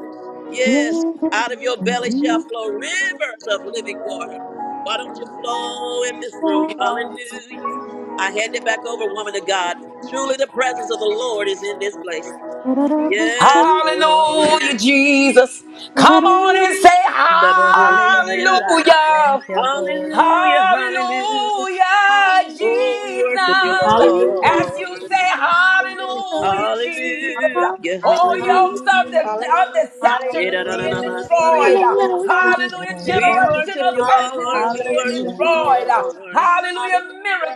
S1: Yes, out of your belly shall flow
S6: Hallelujah.
S1: rivers of living water. Why don't you flow in this room? Hallelujah. I hand it back over, woman of God. Truly, the presence of the Lord is in this place. Yes, Lord.
S2: Hallelujah, Jesus. Come on and say
S4: Hallelujah. Thank
S2: hallelujah.
S4: you, Lord.
S1: Hallelujah, hallelujah.
S2: Hallelujah,
S6: And
S4: Hallelujah.
S1: Oh, we worship you,
S2: Jesus. As
S1: Lord.
S2: you say, Hallelujah, Jesus.
S1: Hallelujah,
S2: All
S1: hallelujah.
S2: yokes of,
S4: Hallelujah.
S2: the, of deception is being
S3: hallelujah.
S4: Word
S1: Yedadadadamasaya.
S2: destroyed.
S4: is the
S2: Hallelujah,
S4: Lamb.
S1: We
S3: Thank you,
S1: worship
S2: generational
S1: you,
S3: Jesus,
S2: curses is
S1: Lord. We
S2: being
S1: worship
S3: hallelujah.
S1: you,
S4: Hallelujah.
S2: destroyed.
S1: Lord.
S2: Hallelujah,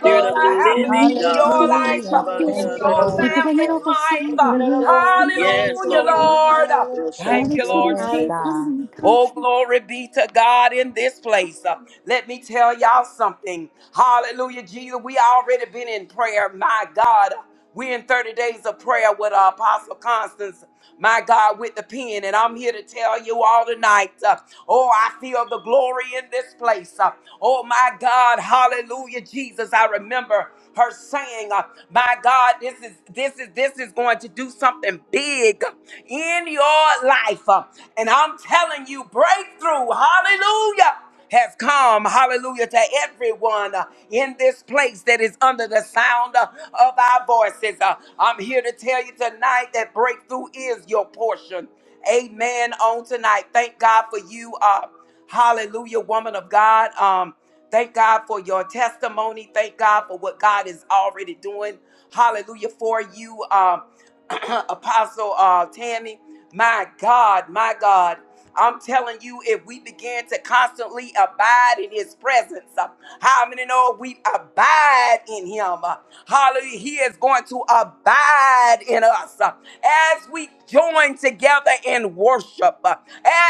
S1: Spirit of the
S2: are
S3: Glory to your
S2: happening
S1: living
S2: in
S3: name,
S1: God.
S2: your
S3: Jesus,
S2: life,
S4: Hallelujah.
S2: in
S4: Thank you,
S2: your
S3: hallelujah.
S4: Lord.
S2: family's
S1: Rekabashandarabukusaya.
S2: life.
S3: Glory, glory,
S1: Yes,
S2: Hallelujah,
S1: Lord.
S3: glory,
S2: Lord.
S1: Roshataka.
S2: Thank
S3: hallelujah.
S6: every
S2: you,
S6: city,
S2: Lord
S4: Yes,
S6: state,
S4: God.
S2: Jesus.
S6: county,
S2: Oh,
S6: country,
S2: glory be to God in this place. Uh, let me tell y'all something. Hallelujah, Jesus. We already been in prayer. My God, we in 30 days of prayer with uh, Apostle Constance. My God, with the pen, and I'm here to tell you all tonight. uh, oh, I feel the glory in this place. Uh, oh, my God, hallelujah, Jesus. I remember her saying, uh, "My God, this is this is this is going to do something big in your life." Uh, And I'm telling you, breakthrough. Hallelujah. Has come, hallelujah, to everyone uh, in this place that is under the sound uh, of our voices. Uh, I'm here to tell you tonight that breakthrough is your portion. Amen. On tonight, thank God for you. Uh, hallelujah, woman of God. Um, Thank God for your testimony. Thank God for what God is already doing. Hallelujah for you, um, [CLEARS THROAT] Apostle uh, Tammy. My God, my God. I'm telling you, if we begin to constantly abide in his presence, uh, how many know we abide in him? Uh, Hallelujah. He is going to abide in us uh, as we join together in worship, uh,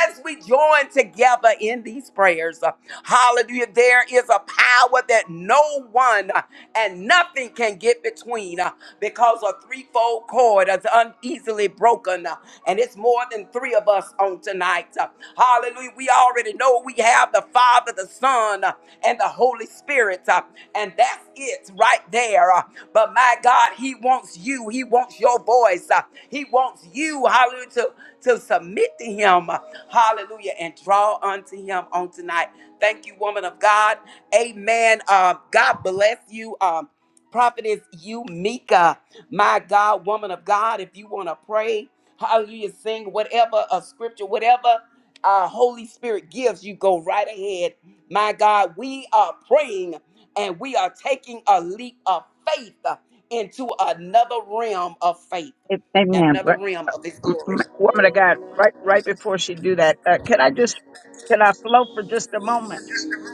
S2: as we join together together in these prayers. uh, Hallelujah. There is a power that no one uh, and nothing can get between uh, because a threefold cord is uneasily broken. uh, And it's more than three of us on tonight. Uh, Hallelujah. We already know we have the Father, the Son, uh, and the Holy Spirit. uh, And that's it right there. uh, But my God, He wants you. He wants your voice. uh, He wants you, hallelujah, to, to submit submit to him. Hallelujah. And draw unto him on tonight. Thank you, woman of God. Amen. Uh, God bless you. Um, prophetess you Mika, my God, woman of God. If you want to pray, hallelujah, sing whatever a scripture, whatever uh, Holy Spirit gives you, go right ahead. My God, we are praying and we are taking a leap of faith into another realm of faith,
S5: A- Amen.
S2: another
S5: Right-
S2: realm of His
S5: m-
S2: glory.
S5: m- Woman of God, right right before she do that, uh, can I just can I flow for just a moment?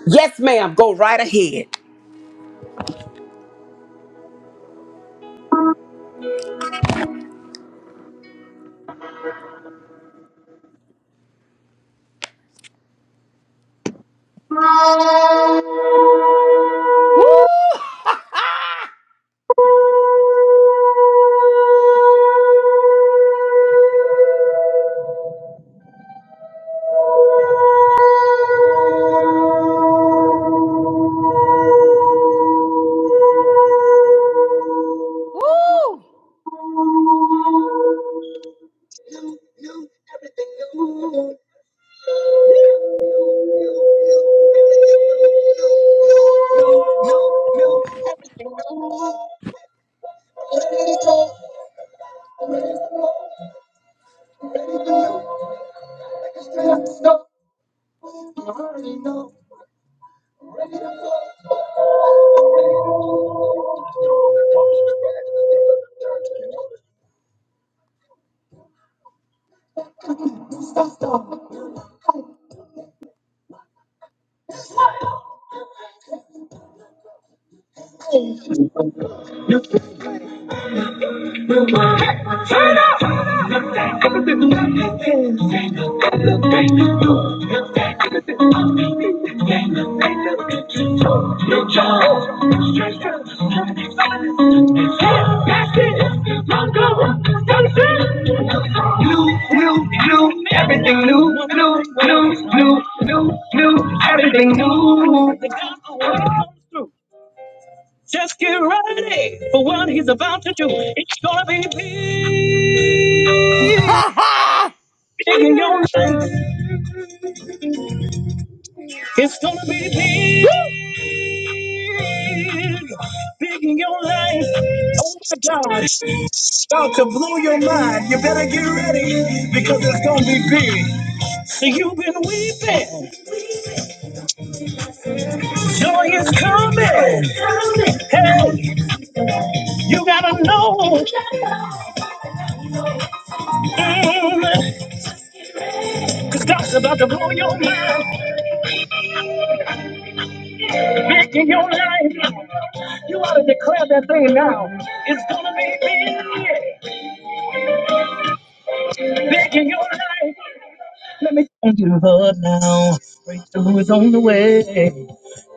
S2: Yes, ma'am. Go right ahead. Woo! [LAUGHS] Woo!
S5: new, new, everything new. New, new, new, everything new. Ready to go, ready to go, ready to go. You already know. Ready to go, ready to go. Stop, stop. Hey. New, new, new, everything new, New, new, new, new, new, everything new. Just get ready for what he's about to do. It's gonna be big,
S2: [LAUGHS]
S5: big in your life. It's gonna be big, big in your life. Oh my God, start to blind because it's gonna be big. So you've been weeping, joy is coming. Hey, you gotta know, mm, 'cause God's about to blow your mind. back in your life. You ought to declare that thing now. It's gonna be me back in your life. Let me tell you Lord now. Breakthrough is on the way.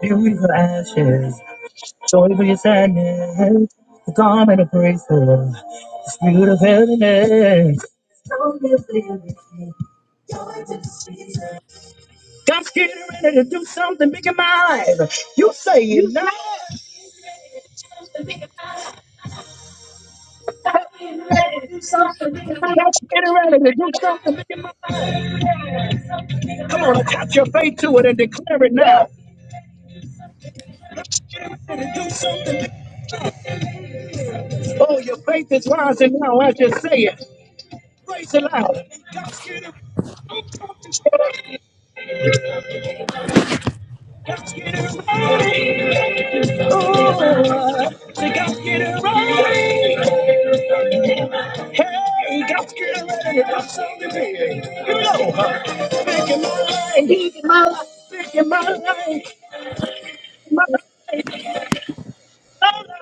S5: Beauty for ashes, joy for your sadness. The garment of grace for the spirit of heaviness. God's getting ready to do something big in my life. You say it now. Stop getting ready to do something. Nigga. Stop getting ready to do something. Nigga. Come on, attach your faith to it and declare it now. And Do something. Oh, your faith is rising now as you say it. Praise it loud. Let's get it right. Oh, we gotta get it right. Hey, gotta get it ready. Do something big. You know, huh? Big in my life. Big in my life. Big in my life.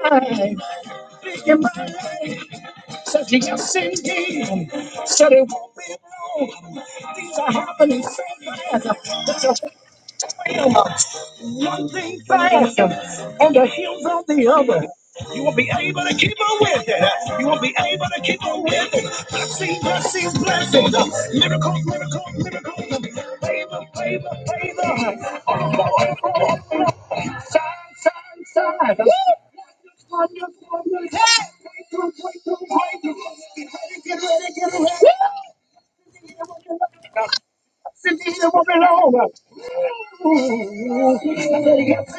S5: Your mind, said you have sinned Said it won't be long. Things are happening so fast. There's a holding fast on the heels of the other. I see blessings, blessings, miracles, and favor, favor. On signs, signs, signs. Wonders, wonders, wonders. Breakthrough, breakthrough, breakthrough. Get ready, get ready, get ready. Yes,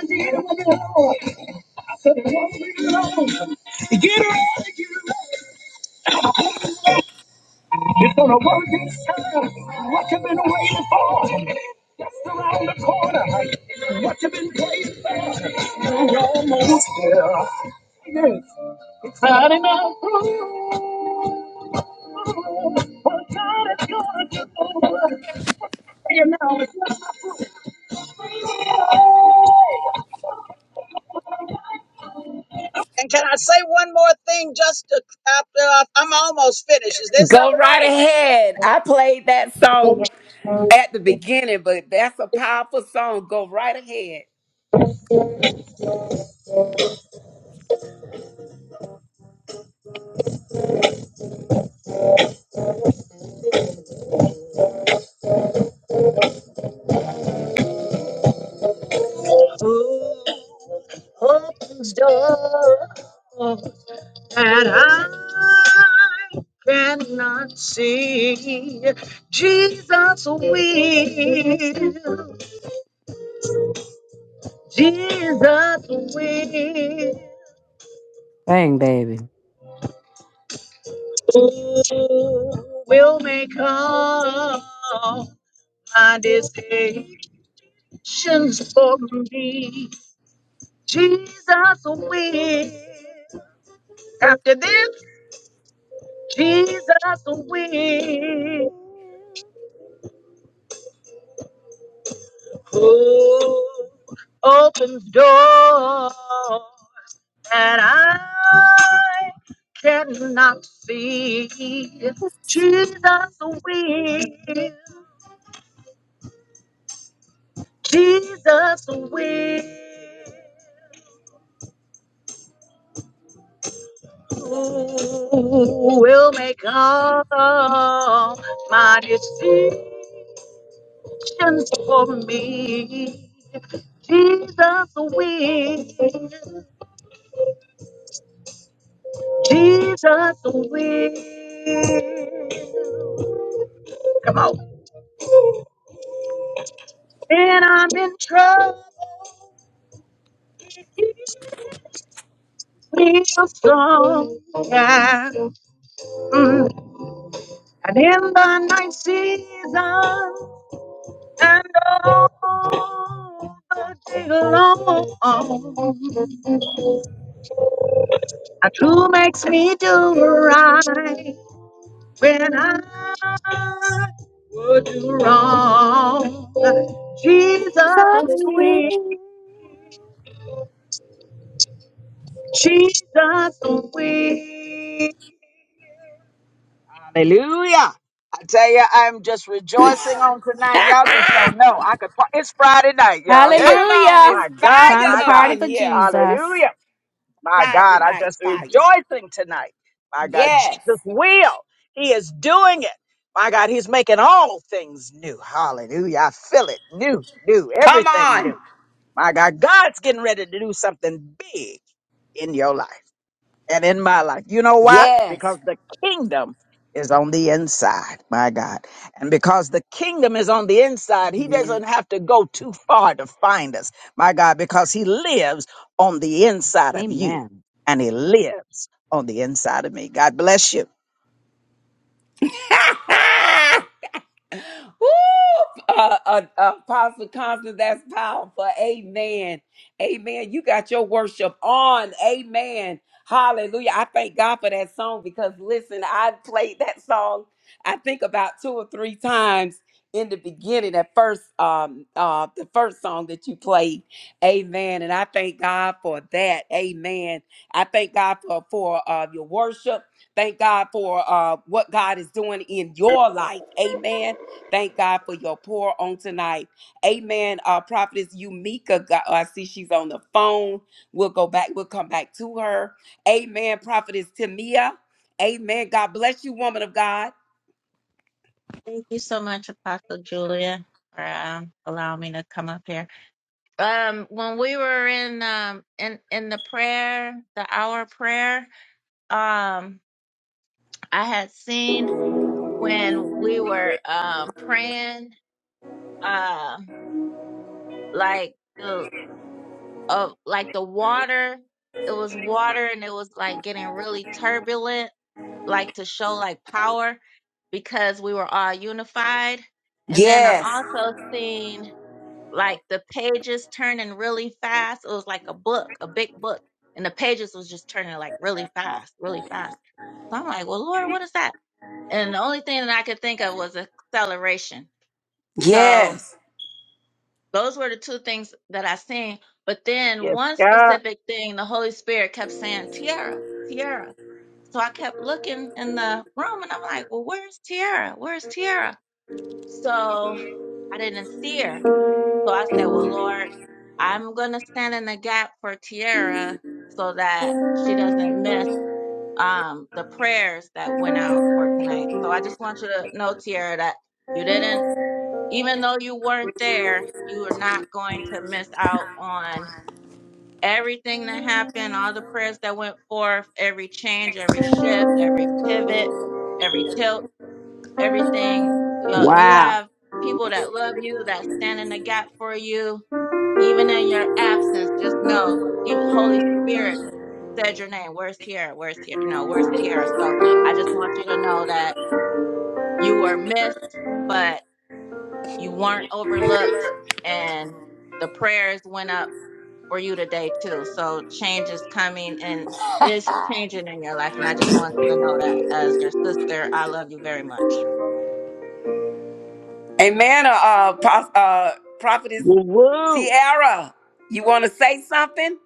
S5: And can I say one more thing just to, after I, I'm almost finished? Is this
S2: Go right ahead. I played that
S5: all
S2: song
S5: right?
S2: at the beginning, but that's a powerful song. Go right ahead.
S5: And I cannot see Jesus will. Jesus
S6: Bang, baby.
S5: will, will make all my decisions for me. Jesus will open doors that I cannot see. Jesus will, Jesus will, will make all my decisions. Solutions for me. Jesus will. Jesus will. Come on. When I'm in trouble, he's a strong guy. Mm. And in the night season, and all the day long, a true makes me do right when I do wrong. Jesus
S6: Jesus
S5: will,
S6: will.
S5: Jesus will. Hallelujah. I tell you, I'm just rejoicing on tonight. Y'all just don't know. I could. par- It's Friday night, y'all. Hey,
S2: Come on,
S6: Hallelujah.
S2: it's
S5: my
S2: fire
S5: God,
S6: Time to
S5: my
S2: up
S5: God.
S6: party
S2: in
S6: for
S2: here.
S6: Jesus.
S5: Hallelujah. My
S2: Friday
S5: God, I'm
S2: night
S5: just
S2: fire.
S5: rejoicing tonight. My God,
S2: Yes.
S5: Jesus will. He is doing it. My God, He's making all things new. Hallelujah. I feel it. New, new,
S2: Come
S5: everything new.
S2: on.
S5: My God, God's getting ready to do something big in your life and in my life. You know why?
S2: Yes.
S5: Because the kingdom is on the inside, my God. And because the kingdom is on the inside, he
S4: Amen.
S5: doesn't have to go too far to find us, my God, because he lives on the inside of you
S6: Amen.
S5: and he lives on the inside of me. God bless you.
S2: [LAUGHS] Woo! Uh, uh, uh, Apostle Constance, that's powerful. Amen. Amen. You got your worship on. Amen. Hallelujah. I thank God for that song because, listen, I played that song, I think, about two or three times in the beginning, that first, um, uh, the first song that you played. Amen. And I thank God for that. Amen. I thank God for, for uh, your worship. Thank God for uh, what God is doing in your life. Amen. Thank God for your pour on tonight. Amen. Uh, Prophetess Umika, got, oh, I see she's on the phone. We'll go back. We'll come back to her. Amen. Prophetess Tamia. Amen. God bless you, woman of God.
S3: Thank you so much, Apostle Julia, for um, allowing me to come up here. Um, when we were in um in in the prayer, the hour prayer, um, I had seen when we were um praying. uh, like the of like the water it was water and it was like getting really turbulent like to show like power because we were all unified and then i
S2: Yes.
S3: also seen like the pages turning really fast it was like a book a big book and the pages was just turning like really fast really fast so i'm like well lord what is that and the only thing that i could think of was acceleration so
S2: Yes.
S3: those were the two things that I seen. But then
S5: Yes,
S3: one
S5: God.
S3: specific thing, the Holy Spirit kept saying, Tiara, Tiara. So I kept looking in the room and I'm like, well, where's Tiara? Where's Tiara? So I didn't see her. So I said, well, Lord, I'm going to stand in the gap for Tiara so that she doesn't miss um, the prayers that went out for tonight. So I just want you to know, Tiara, that you didn't even though you weren't there, you are not going to miss out on everything that happened, all the prayers that went forth, every change, every shift, every pivot, every tilt, everything. You know, you
S5: Wow.
S3: have people that love you, that stand in the gap for you, even in your absence. Just know, even Holy Spirit said your name. Where's Tiara? Where's Tiara? You know, where's Tiara? So I just want you to know that you were missed, but You weren't overlooked, and the prayers went up for you today too. So change is coming and is changing in your life. And I just want you to know that as your sister, I love you very much.
S2: Amen. Uh, uh, Pro- uh, Prophetess
S5: Woo woo.
S2: Tiara, you want to say something?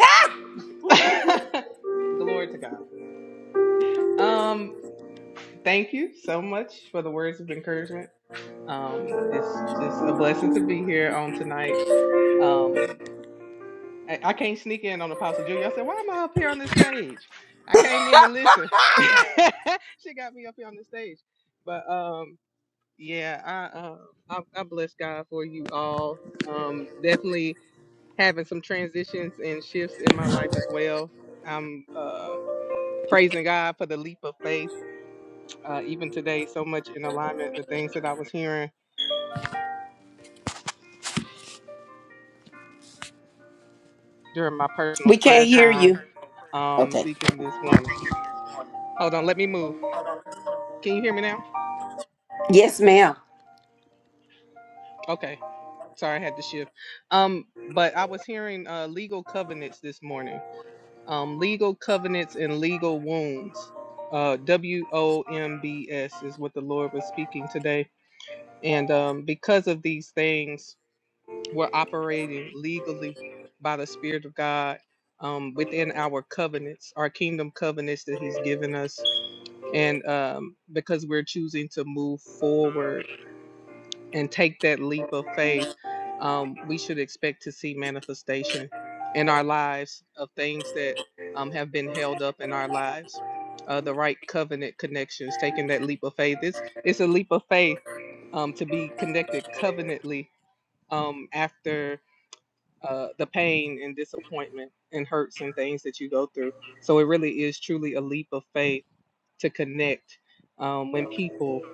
S2: Ah!
S7: [LAUGHS] Glory to God. Um, thank you so much for the words of encouragement. Um, it's just a blessing to be here on tonight. Um, I, I can't sneak in on Apostle Julia. I said, why am I up here on this stage? I came in to listen. [LAUGHS] she got me up here on the stage. But um, yeah, I, uh, I I bless God for you all. Um, definitely having some transitions and shifts in my life as well. I'm uh praising God for the leap of faith uh, even today, so much in alignment, the things that I was hearing during my personal
S2: We
S7: prayer
S2: can't hear
S7: time
S2: you.
S7: um,
S2: Okay.
S7: speaking this morning. Hold on, let me move. Can you hear me now?
S2: Yes, ma'am.
S7: Okay. Sorry, I had to shift. Um, but I was hearing uh, legal covenants this morning. Um, legal covenants and legal wounds. Uh, w O M B S is what the Lord was speaking today. And um, because of these things, We're operating legally by the Spirit of God um, within our covenants, our kingdom covenants that He's given us. And um, because we're choosing to move forward and take that leap of faith, um, we should expect to see manifestation in our lives of things that um, have been held up in our lives. Uh, the right covenant connections, taking that leap of faith. It's it's a leap of faith um, to be connected covenantly um, after uh, the pain and disappointment and hurts and things that you go through. So it really is truly a leap of faith to connect um, when people,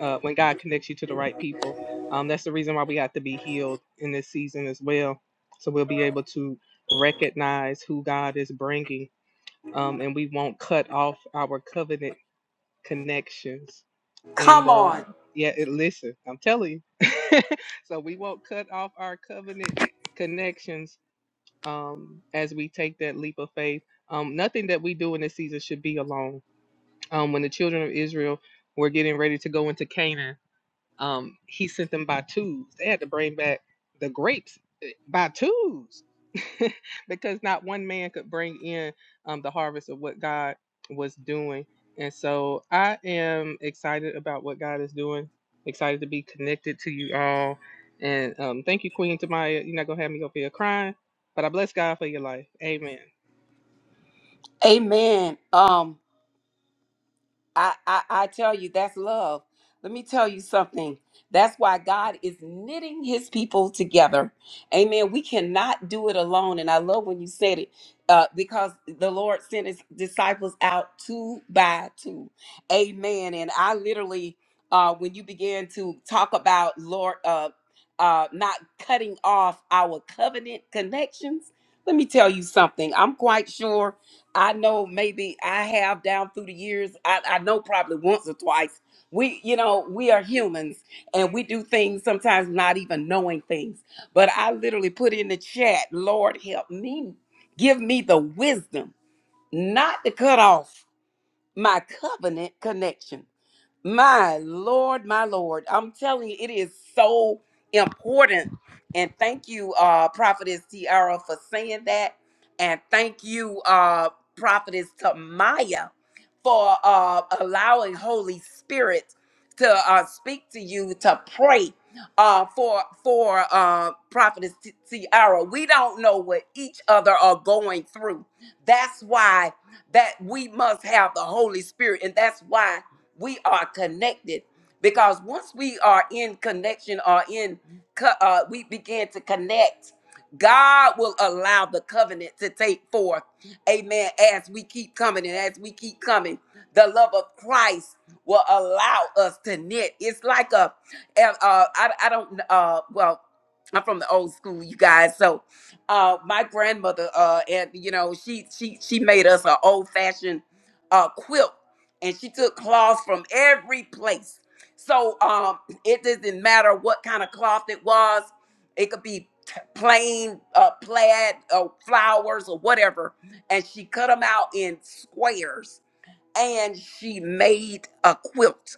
S7: uh, when God connects you to the right people. Um, that's the reason why we have to be healed in this season as well. So we'll be able to recognize who God is bringing um, and we won't cut off our covenant connections. And
S2: Come on.
S7: uh, yeah, it, listen, I'm telling you. [LAUGHS] so we won't cut off our covenant connections um, as we take that leap of faith. Um, nothing that we do in this season should be alone. Um, when the children of Israel were getting ready to go into Canaan, um, he sent them by twos. They had to bring back the grapes eh, by twos [LAUGHS] because not one man could bring in um, the harvest of what God was doing. And so I am excited about what God is doing, excited to be connected to you all. And um, thank you, Queen Tamaya. You're not going to have me over here crying but I bless God for your life. Amen.
S2: Amen. Um, I, I I tell you, that's love. Let me tell you something. That's why God is knitting his people together. Amen. We cannot do it alone. And I love when you said it uh, because the Lord sent his disciples out two by two. Amen. And I literally, uh, when you began to talk about Lord, uh, uh, not cutting off our covenant connections, let me tell you something. I'm quite sure I know maybe I have down through the years. I, I know probably once or twice. We, you know, we are humans and we do things sometimes not even knowing things. But I literally put in the chat, Lord, help me. Give me the wisdom not to cut off my covenant connection my Lord, my Lord. I'm telling you, it is so important. And thank you, uh, Prophetess Tiara, for saying that. And thank you, uh, Prophetess Tamaya, for uh, allowing Holy Spirit to uh, speak to you to pray uh, for for uh, prophetess Ti- Tiara. We don't know what each other are going through. That's why that we must have the Holy Spirit, and that's why we are connected. Because once we are in connection or in, co- uh, we begin to connect. God will allow the covenant to take forth. Amen. As we keep coming and as we keep coming, the love of Christ will allow us to knit. It's like a and, uh, I, I don't, uh, well, I'm from the old school, you guys. So, uh, my grandmother, uh, and you know, she she she made us an old fashioned uh quilt, and she took cloth from every place. So, um, it doesn't matter what kind of cloth it was. It could be t- plain uh, plaid, uh, flowers, or whatever. And she cut them out in squares, and she made a quilt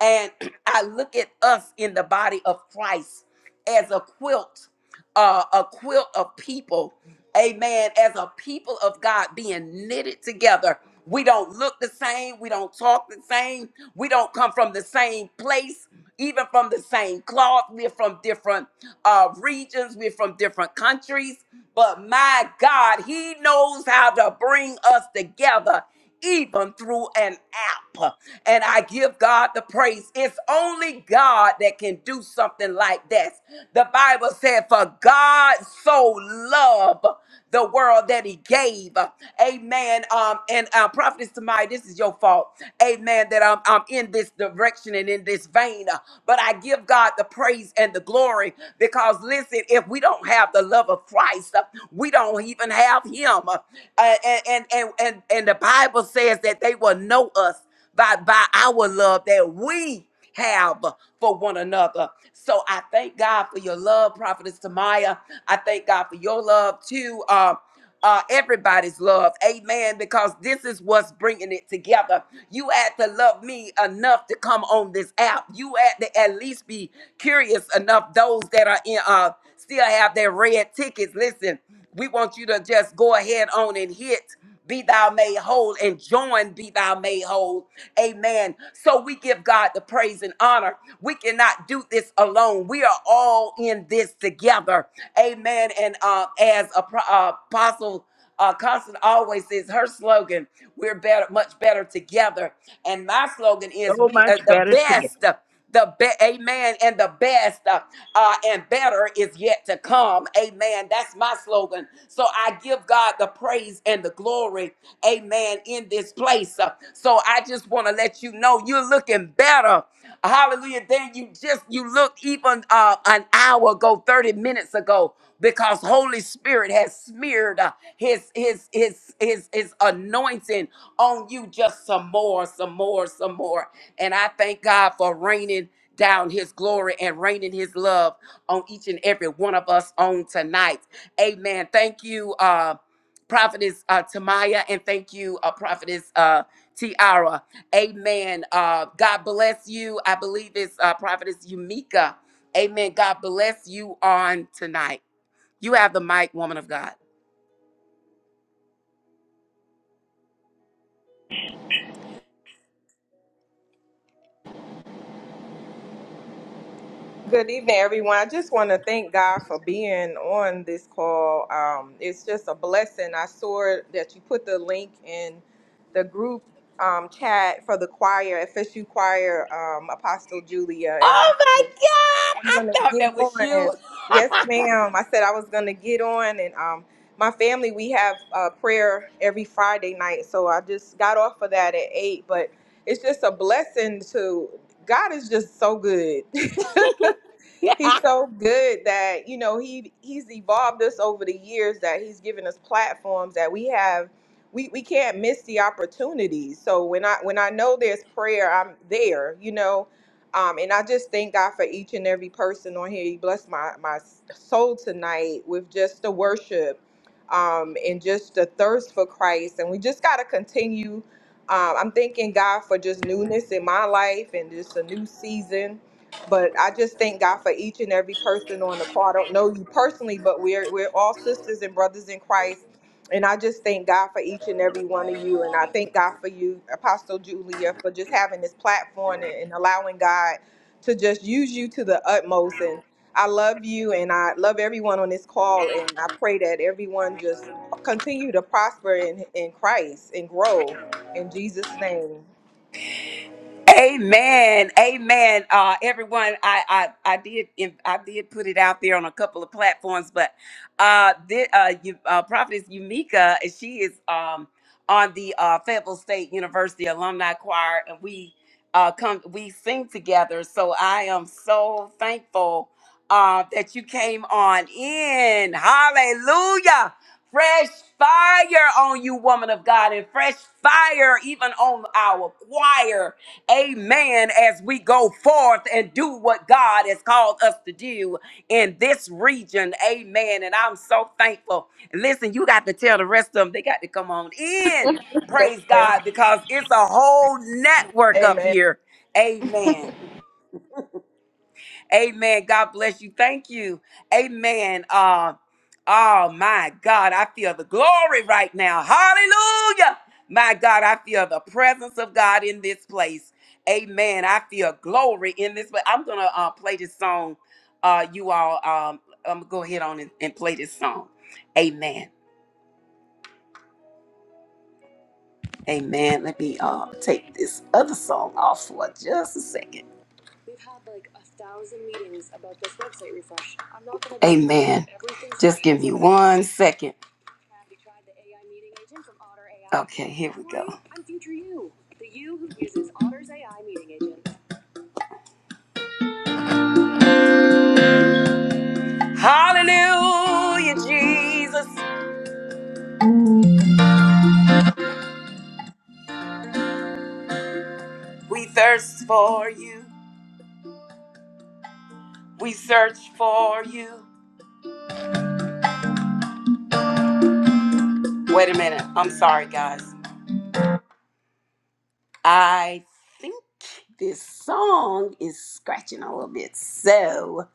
S2: and I look at us in the body of Christ as a quilt, uh, a quilt of people. Amen. As a people of God being knitted together. We don't look the same. We don't talk the same. We don't come from the same place, even from the same cloth. We're from different uh, regions. We're from different countries. But my God, He knows how to bring us together even through an app. And I give God the praise. It's only God that can do something like this. The Bible said, For God so loved the world that he gave. Amen. Um, and uh, Prophetess Tamai, this is your fault. Amen. That I'm, I'm in this direction and in this vein. But I give God the praise and the glory because, listen, if we don't have the love of Christ, we don't even have him. Uh, and, and, and and, and, and the Bible says that they will know us by, by our love that we have for one another. So I thank God for your love, Prophetess Tamaya. I thank God for your love too. Uh, uh, everybody's love, amen. Because this is what's bringing it together. You had to love me enough to come on this app. You had to at least be curious enough. Those that are in, uh, still have their red tickets. Listen, we want you to just go ahead on and hit be thou made whole and join be thou made whole. Amen. So we give God the praise and honor. We cannot do this alone. We are all in this together. Amen. And uh, as a pro- uh, apostle uh, Constant always says her slogan, we're better, much better together. And my slogan is
S5: So
S2: we
S5: much
S2: are the
S5: better
S2: best
S5: together.
S2: the be- amen and the best uh, uh, and better is yet to come amen that's my slogan so i give god the praise and the glory amen in this place Uh, so i just want to let you know you're looking better hallelujah then you just you look even uh, an an hour ago, 30 minutes ago, because Holy Spirit has smeared uh, his, his, his, his, his anointing on you just some more, some more, some more. And I thank God for raining down his glory and raining his love on each and every one of us on tonight. Amen. Thank you, uh, Prophetess uh, Tamaya, and thank you, uh, Prophetess uh, Tiara. Amen. Uh, God bless you. I believe it's uh, Prophetess Yumika. Amen. God bless you on tonight. You have the mic, woman of God.
S8: Good evening, everyone. I just want to thank God for being on this call. Um, it's just a blessing. I saw that you put the link in the group um, chat for the choir, FSU choir, um, Apostle Julia, and I
S2: Oh
S8: said
S2: my God.
S8: I'm
S2: I
S8: gonna
S2: thought
S8: get
S2: that was you.
S8: on. Yes, ma'am. I said I was gonna get on, and um, my family we have uh, prayer every Friday night, so I just got off of that at eight. But it's just a blessing to God is just so good. [LAUGHS]
S2: [LAUGHS]
S8: he's so good that you know he he's evolved us over the years that he's given us platforms that we have we, we can't miss the opportunities so when i when i know there's prayer i'm there you know um, and i just thank god for each and every person on here he blessed my my soul tonight with just the worship um, and just the thirst for christ and we just got to continue um, i'm thanking god for just newness in my life and just a new season but I just thank God for each and every person on the call. I don't know you personally, but we're we're all sisters and brothers in Christ. And I just thank God for each and every one of you. And I thank God for you, Apostle Julia, for just having this platform and, and allowing God to just use you to the utmost. And I love you and I love everyone on this call. And I pray that everyone just continue to prosper in, in Christ and grow in Jesus' name.
S2: Amen. Amen. Uh, everyone, I, I, I did, I did put it out there on a couple of platforms, but, uh, the, uh, you, uh, prophetess Yumika, she is, um, on the, uh, Fayetteville State University Alumni Choir and we, uh, come, we sing together. So I am so thankful, uh, that you came on in. Hallelujah. Fresh fire on you, woman of God, and fresh fire even on our choir Amen. As we go forth and do what God has called us to do in this region. Amen. And I'm so thankful. Listen, you got to tell the rest of them they got to come on in.
S8: Yes,
S2: Praise
S8: ma'am.
S2: God because it's a whole network up
S8: Amen.
S2: here. Amen. Amen. God bless you. Thank you. Amen. Uh, oh my God, I feel the glory right now. Hallelujah. My God, I feel the presence of God in this place. Amen. I feel glory in this place. I'm gonna uh, play this song. Uh, you all, um, I'm gonna go ahead on and, and play this song. Amen. Amen. Let me uh, take this other song off for just a second. One second. Hallelujah, Jesus. We thirst for you. We search for you. Wait a minute. I'm sorry, guys. I think this song is scratching a little bit. So,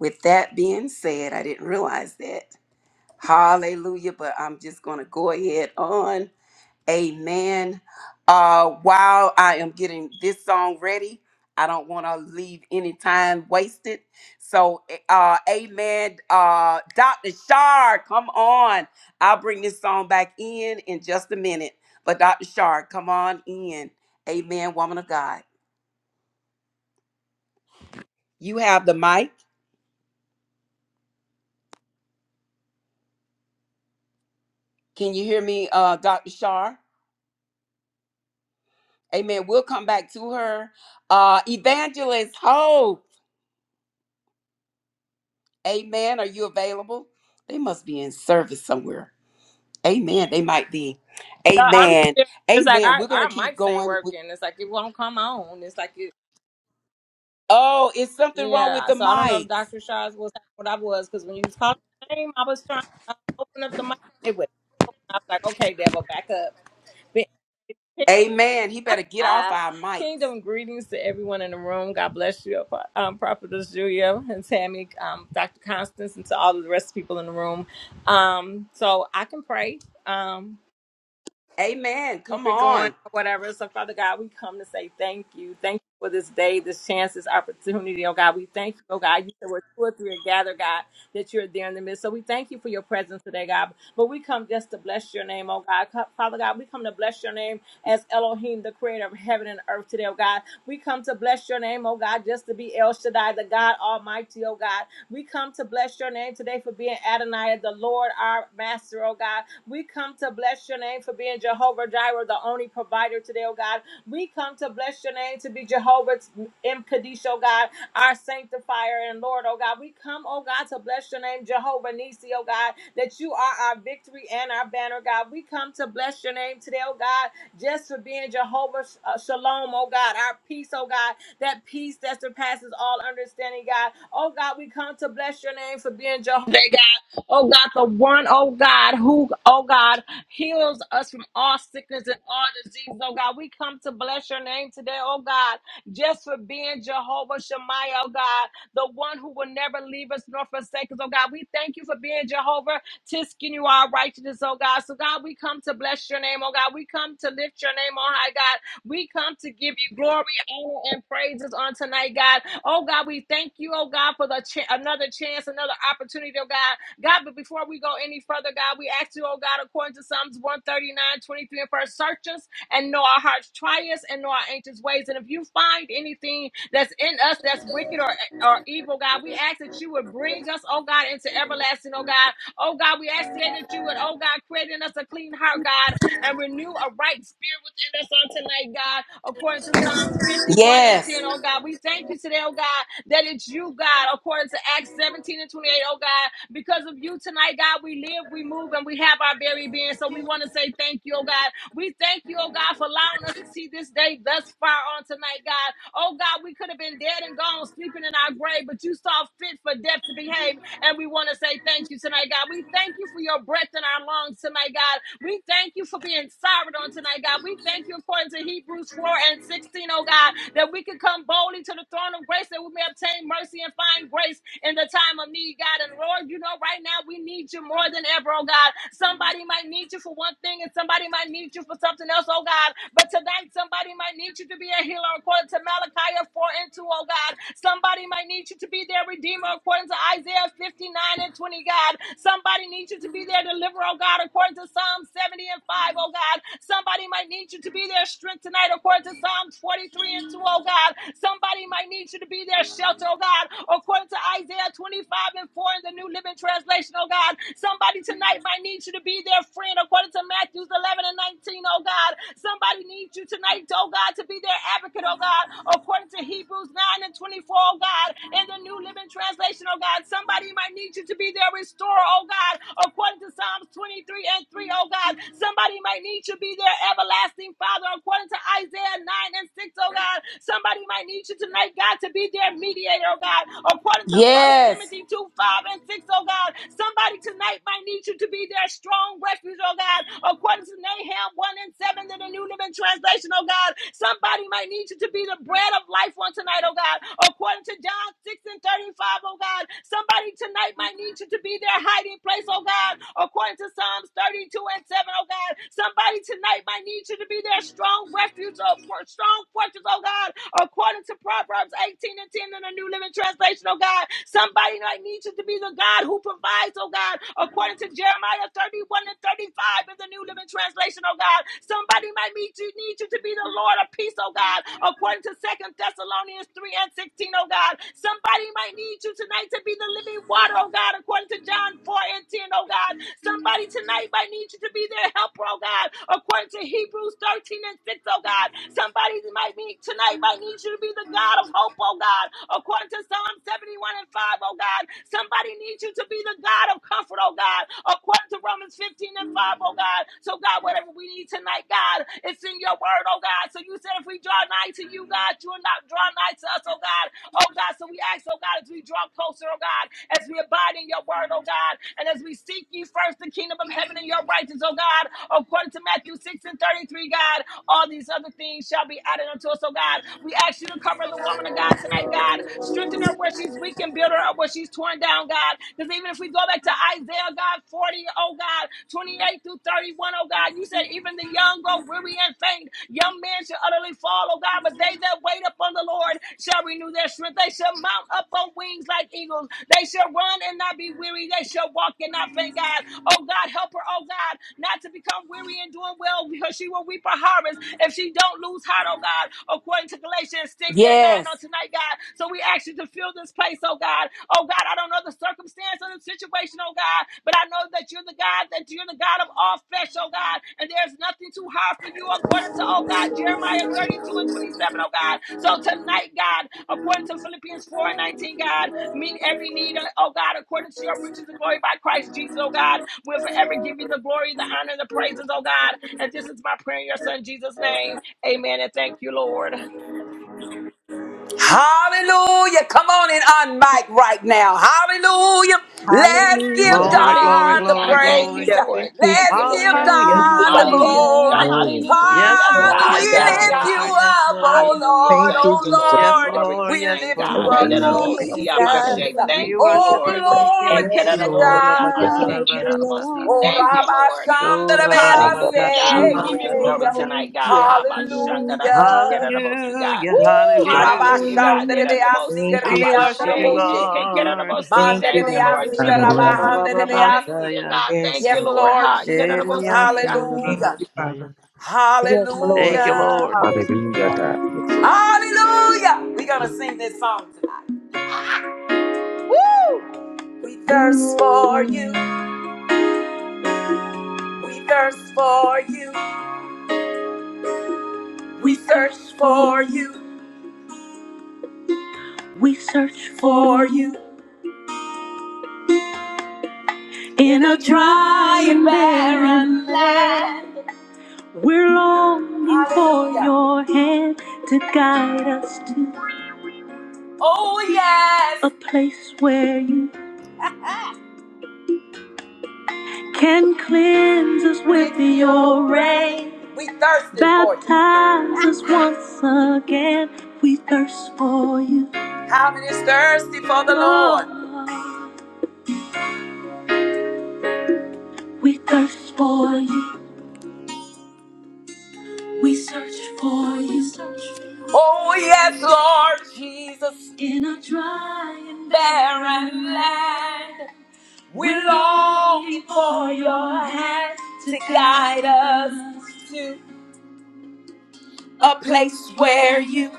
S2: with that being said, I didn't realize that. Hallelujah. But I'm just going to go ahead on. Amen. Uh, while I am getting this song ready, I don't want to leave any time wasted. So, eh, uh, amen. Uh, Dr. Shar, come on. I'll bring this song back in in just a minute. But, Dr. Shar, come on in. Amen, woman of God. You have the mic. Can you hear me, uh, Dr. Shar? Amen. We'll come back to her. Uh, Evangelist Hope. Amen. Are you available? They must be in service somewhere. Amen. They might be.
S9: So I'm
S2: Amen.
S9: here. It's like
S2: Amen.
S9: our
S2: We're going to
S9: our
S2: keep
S9: mics ain't
S2: going. with-
S9: working. It's like it won't come on. It's like it.
S2: Oh, it's something wrong with
S9: Yeah.
S2: the
S9: So I don't know
S2: mics.
S9: if Doctor Shaw's was what I was because when you was calling my name, I was trying to uh, open up the mic. It would. I was like, okay, devil, back up. But, [LAUGHS]
S2: Amen. He better get off
S9: uh,
S2: our mics.
S9: kingdom greetings to everyone in the room. God bless you, um, Prophetess Julia and Tammy, um, Dr. Constance, and to all of the rest of the people in the room. Um, so I can pray. Um.
S2: Amen.
S9: keep
S2: Come
S9: it going
S2: on.
S9: or whatever. So, Father God, we come to say thank you. Thank you for this day, this chance, this opportunity. Oh God, we thank you. Oh God, you said we're two or three are gathered, God, that you're there in the midst. So we thank you for your presence today, God. But we come just to bless your name, oh God. Co- Father God, we come to bless your name as Elohim, the creator of heaven and earth today, oh God. We come to bless your name, oh God, just to be El Shaddai, the God Almighty, oh God. We come to bless your name today for being Adonai, the Lord, our master, oh God. We come to bless your name for being Jehovah Jireh, the only provider today, oh God. We come to bless your name to be Jehovah's M. Kadesh, oh God, our sanctifier and Lord, oh God. We come, oh God, to bless your name, Jehovah Nisi, oh God, that you are our victory and our banner, God. We come to bless your name today, oh God, just for being Jehovah Sh- uh, Shalom, oh God, our peace, oh God, that peace that surpasses all understanding, God. Oh God, we come to bless your name for being Jehovah. Oh God, the one, oh God, who, oh God, heals us from all sickness and all disease. Oh God, we come to bless your name today, oh God, just for being Jehovah Shemaiah, oh God, the one who will never leave us nor forsake us, oh God. We thank you for being Jehovah Tiskin, you are righteousness, oh God. So God, we come to bless your name, oh God. We come to lift your name on high, God. We come to give you glory, honor, and praises on tonight, God. Oh God, we thank you, oh God, for the cha- another chance, another opportunity, oh God God, but before we go any further, God, we ask you, oh God, according to Psalms 139, and first, search us and know our hearts, try us and know our anxious ways. And if you find anything that's in us that's wicked or, or evil, God, we ask that you would bring us, oh God, into everlasting, oh God. Oh God, we ask today that you would, oh God, create in us a clean heart, God, and renew a right spirit within us on tonight, God according to Psalms 51 and
S2: Yes.
S9: 10, oh God. We thank you today, oh God, that it's you, God, according to Acts 17 and 28, oh God. Because of you tonight, God, we live, we move, and we have our very being. So we want to say thank you, oh God. We thank you, oh God, for allowing us to see this day thus far on tonight, God. Oh God, we could have been dead and gone, sleeping in our grave, but you saw fit for death to behave and we want to say thank you tonight, God. We thank you for your breath in our lungs tonight, God. We thank you for being sovereign on tonight, God. We thank you according to Hebrews 4 and 16, oh God, that we can come boldly to the throne of grace that we may obtain mercy and find grace in the time of need, God. And Lord, you know, right now we need you more than ever, oh God. Somebody might need you for one thing and somebody might need you for something else, oh God. But tonight, somebody might need you to be a healer according to Malachi 4 and 2, oh God. Somebody might need you to be their redeemer according to Isaiah 59 and 20, God. Somebody needs you to be their deliverer, oh God, according to Psalm 70 and 5 oh God. Somebody might need you to be their strength tonight, according to Psalm 43 and 2 oh God. Somebody might need you to be their shelter, oh God, according to Isaiah 25 and 4 in the New Living Translation, oh God. Somebody tonight might need you to be their friend, according to Matthews 11 and 19 oh God. Somebody needs you tonight, oh God, to be their advocate, oh God, according to Hebrews 9 and 24 oh God, in the New Living Translation translation, oh God. Somebody might need you to be their restorer, oh God, according to Psalms 23 and 3, oh God. Somebody might need you to be their everlasting Father, according to Isaiah 9 and 6, oh God. Somebody might need you tonight, God, to be their mediator, oh God, according to 1
S2: Yes.
S9: Timothy 2 5 and 6, oh God. Somebody tonight might need you to be their strong refuge, oh God, according to Nahum 1 and 7 in the New Living Translation, oh God. Somebody might need you to be the bread of life on tonight, oh God, according to John 6 and and 35, oh God. Somebody tonight might need you to be their hiding place, oh God, according to Psalms 32 and 7, oh God. Somebody tonight might need you to be their strong refuge, oh, strong fortress, oh God, according to Proverbs 18 and 10 in the New Living Translation, oh God. Somebody might need you to be the God who provides, oh God, according to Jeremiah 31 and 35 in the New Living Translation, oh God. Somebody might need you, need you to be the Lord of peace, oh God, according to Second Thessalonians 3 and 16, oh God. Somebody might need you tonight to be the living water, oh God, according to John 4 and 10, oh God. Somebody tonight might need you to be their helper, oh God, according to Hebrews 13 and 6, oh God. Somebody might need tonight might need you to be the God of hope, oh God, according to Psalm 71 and 5, oh God. Somebody needs you to be the God of comfort, oh God, according to Romans 15 and 5, oh God. So, God, whatever we need tonight, God, it's in your word, oh God. So you said if we draw nigh to you, God, you will not draw nigh to us, oh God. Oh God, so we ask, oh God, as we draw closer, oh God, as we abide in your word, oh God, and as we seek ye first the kingdom of heaven and your righteousness, oh God, according to Matthew 6 and 33, God, all these other things shall be added unto us, oh God. We ask you to cover the woman of God tonight, God. Strengthen her where she's weak and build her up where she's torn down, God. Because even if we go back to Isaiah, God, 40, oh God, 28 28 through 31, O God. You said even the young go weary and faint. Young men shall utterly fall, oh God, but they that wait upon the Lord shall renew their strength. They shall mount up on wings like eagles. They shall run and not be weary. They shall walk and not faint, God. Oh God, help her, oh God, not to become weary and doing well because she will reap a harvest if she don't lose heart, oh God, according to Galatians 6 and and
S2: Yes.
S9: 9 on tonight, God. So we ask you to fill this place, oh God. Oh God, I don't know the circumstance or the situation, oh God, but I know that you're the God, that you're the God of all flesh, oh God, and there's nothing too hard for you, according to, oh God, Jeremiah 32 and 27, oh God. So tonight, God, according to Philippians 4 and 19, God, meet every need, oh God, according to your riches and glory by Christ Jesus, oh God. We'll forever give you the glory, the honor, and the praises, oh God. And this is my prayer in your son Jesus' name. Amen. And thank you, Lord.
S2: Hallelujah. Come on and unmic right now. Hallelujah. Let's give
S4: Hallelujah.
S1: Glory, glory,
S2: God
S9: Hallelujah,
S2: the
S1: glory,
S9: God. Thank you,
S2: praise.
S1: glory.
S8: Yeah,
S9: Lord.
S8: thank you.
S9: Thank you,
S2: Let's give
S9: Lord.
S1: Hallelujah,
S8: Thank you,
S2: God the
S8: Father.
S1: hallelujah.
S9: Hallelujah.
S2: glory.
S4: Hallelujah.
S9: Hallelujah.
S1: Yes,
S9: Yes,
S8: Thank
S1: Lord,
S2: Father, we
S9: God.
S8: you,
S1: yes,
S9: Yes,
S8: God.
S2: lift
S1: Lord,
S2: you
S9: God.
S1: yes,
S2: up, oh
S1: Lord.
S9: Hallelujah.
S8: Thank
S2: Lord,
S9: Thank
S8: you,
S2: oh
S9: you,
S8: Jesus.
S9: Lord.
S1: Yes,
S2: Lord.
S9: Glory to
S1: Lord,
S2: We
S9: your
S1: yes,
S9: name,
S2: lift you
S9: God. Hey, that
S2: up,
S4: We
S1: Lord.
S9: it all
S4: honor
S9: see
S8: Thank
S4: you,
S8: you, God.
S9: about shake.
S2: Jesus.
S4: Lord.
S1: We
S9: Thank you,
S2: Oh,
S1: worship
S9: Lord.
S1: you, Lord
S9: Hey,
S2: glory
S8: Thank
S1: Jesus.
S9: can
S2: be
S9: it
S8: you,
S4: Yes,
S2: to
S9: all
S1: O
S8: Lord.
S4: Lord.
S9: see
S4: We
S9: about
S1: Rabakata
S2: God.
S4: honor
S9: shake?
S4: you,
S9: Can it all
S1: Rabahasata.
S9: see?
S2: Oh,
S9: Thank
S4: Lord.
S9: you,
S2: Rabbi
S9: Lord.
S1: O
S2: Shandra
S8: Father,
S9: Hallelujah,
S1: Rababakata
S4: We
S9: God.
S8: you
S9: We
S8: are
S9: give
S4: honor
S9: you
S8: exalted,
S4: you,
S9: glory
S8: God.
S1: Mahasata
S4: Lord.
S9: tonight,
S8: You
S9: God.
S1: Bahasata.
S8: are.
S9: How about
S8: God.
S9: Shanda?
S4: Hallelujah.
S9: I see. Can
S2: Hallelujah.
S9: it all see, God?
S1: Hallelujah,
S8: Thank you,
S2: Woo!
S8: God.
S9: Hallelujah,
S1: hallelujah.
S9: God. That
S4: Hallelujah.
S9: it all
S2: Rabashanderebeasi
S9: see.
S8: Thank
S9: How
S8: you,
S1: We
S9: about
S8: Jesus.
S1: worship you,
S9: shake?
S4: Hallelujah.
S2: kerebeandereboshe.
S9: Hey, can it
S1: Lord.
S9: all see?
S8: Thank you,
S9: Thank you,
S8: God.
S9: Lord
S3: Glory,
S2: Manderebeasi
S1: O
S3: glory
S9: Jesus.
S4: Hallelujah.
S3: to
S2: kerabahanderebeasi.
S9: Hallelujah,
S1: Rabababashaya.
S9: God.
S8: Yes,
S9: Thank you,
S2: Yes,
S8: God.
S9: Lord.
S4: Hallelujah.
S2: Lord
S9: Ha.
S2: Jesus.
S4: Thank
S1: Elias
S9: yadadabosi,
S4: you,
S1: O
S9: ah.
S4: Jesus.
S8: Thank
S2: Hallelujah.
S8: you, Father.
S1: Rabahasaya.
S3: the
S4: Yes,
S3: name.
S1: Thank
S4: Lord.
S1: you,
S2: Hallelujah.
S1: Lord.
S5: Hallelujah,
S4: Hallelujah.
S5: God.
S2: Hallelujah. We're going to sing this song tonight. Woo! We thirst for you. We thirst for you. We search for you. We search in a dry and barren. We're longing for Hallelujah. your hand to guide us. Oh, yes. A place where you can cleanse us with with your rain. We thirst for you. Baptize us once again. We thirst for you. How many is thirsty for the Lord? Lord? We thirst for you. We search for you. Oh, yes, Lord Jesus. In a dry and barren land. We're longing for your hand to guide us to a place where you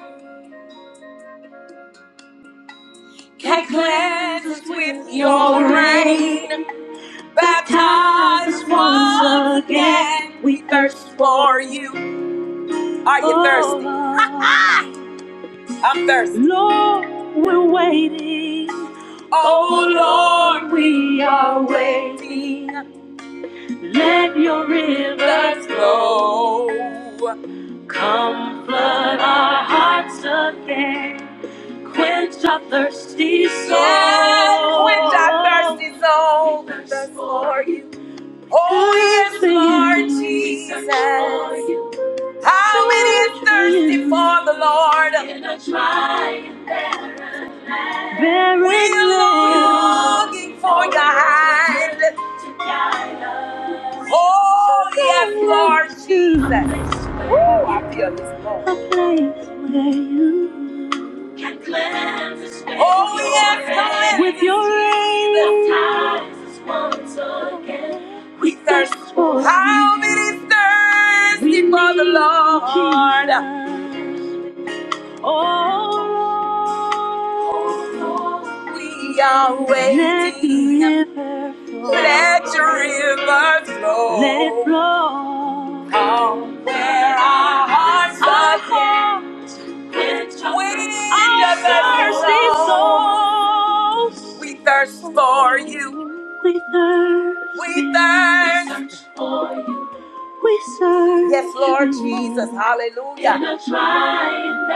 S2: can cleanse us with your rain. Baptize once again. We thirst for you. Are you thirsty? [LAUGHS] I'm thirsty. Lord, we're waiting. Oh Lord, we are waiting. Let your rivers flow. Come flood our hearts again. Quench our thirsty soul. Yes, quench our thirsty soul. We thirst for you. Oh, yes, Lord Jesus. How many is thirsty for the Lord? In a dry land. Looking for your hand. to guide us. Oh, yes, Lord Jesus. Woo, I feel this, Lord. A place where you can cleanse us, way. Oh, yes, your cleanse With this your way. ties once again. We thirst for how many thirsty for the Lord? We are waiting. Let the river flow. Let your river flow. Let it flow. Come where our hearts are calling. We Our thirsty souls. We thirst for you. We thirst. We thirst. We serve. Yes, Lord you. Jesus. Hallelujah. In a trial.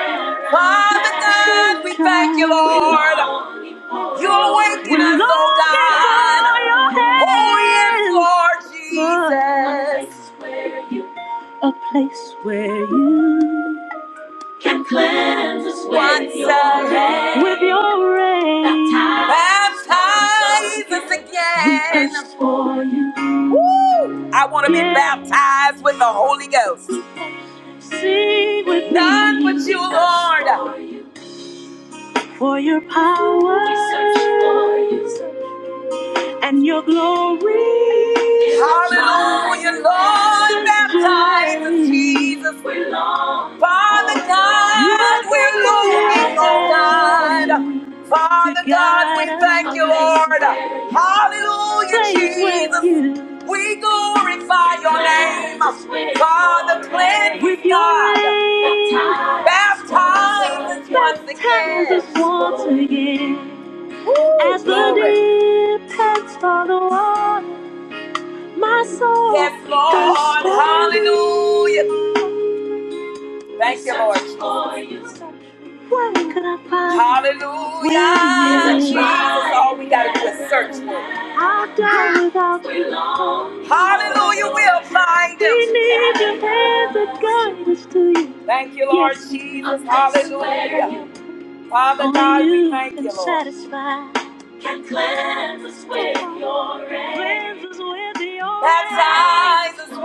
S2: Father God, we thank you, Lord. You're waking we us, oh
S6: Thank
S2: God. Oh, yes, Lord Jesus. A place where you, can cleanse us with your rain, With your rain. baptize us again. Woo! I want to be Yeah, baptized with the Holy Ghost. sing with me. None but you, Lord. for your power. We search for you. and your glory. Hallelujah, Lord, baptize us, Jesus. Father God, we're longing, oh God. Father God, we thank you, Lord. Hallelujah, Jesus. We glorify your name. Father, cleanse us, God. Baptize us once again. As the deep pants for the water, my soul Yes, thirsts Lord. thirsts for Hallelujah. thee. Thank you, Lord. Where could I find Hallelujah. Jesus, all we got to do is search for him. I've done
S6: you.
S2: without you.
S6: Thank
S2: Hallelujah. We'll find him. We need your hands that guide us to you. Thank you, Lord Yes, Jesus. Hallelujah. Father God, we thank you, Lord. satisfy. Baptize us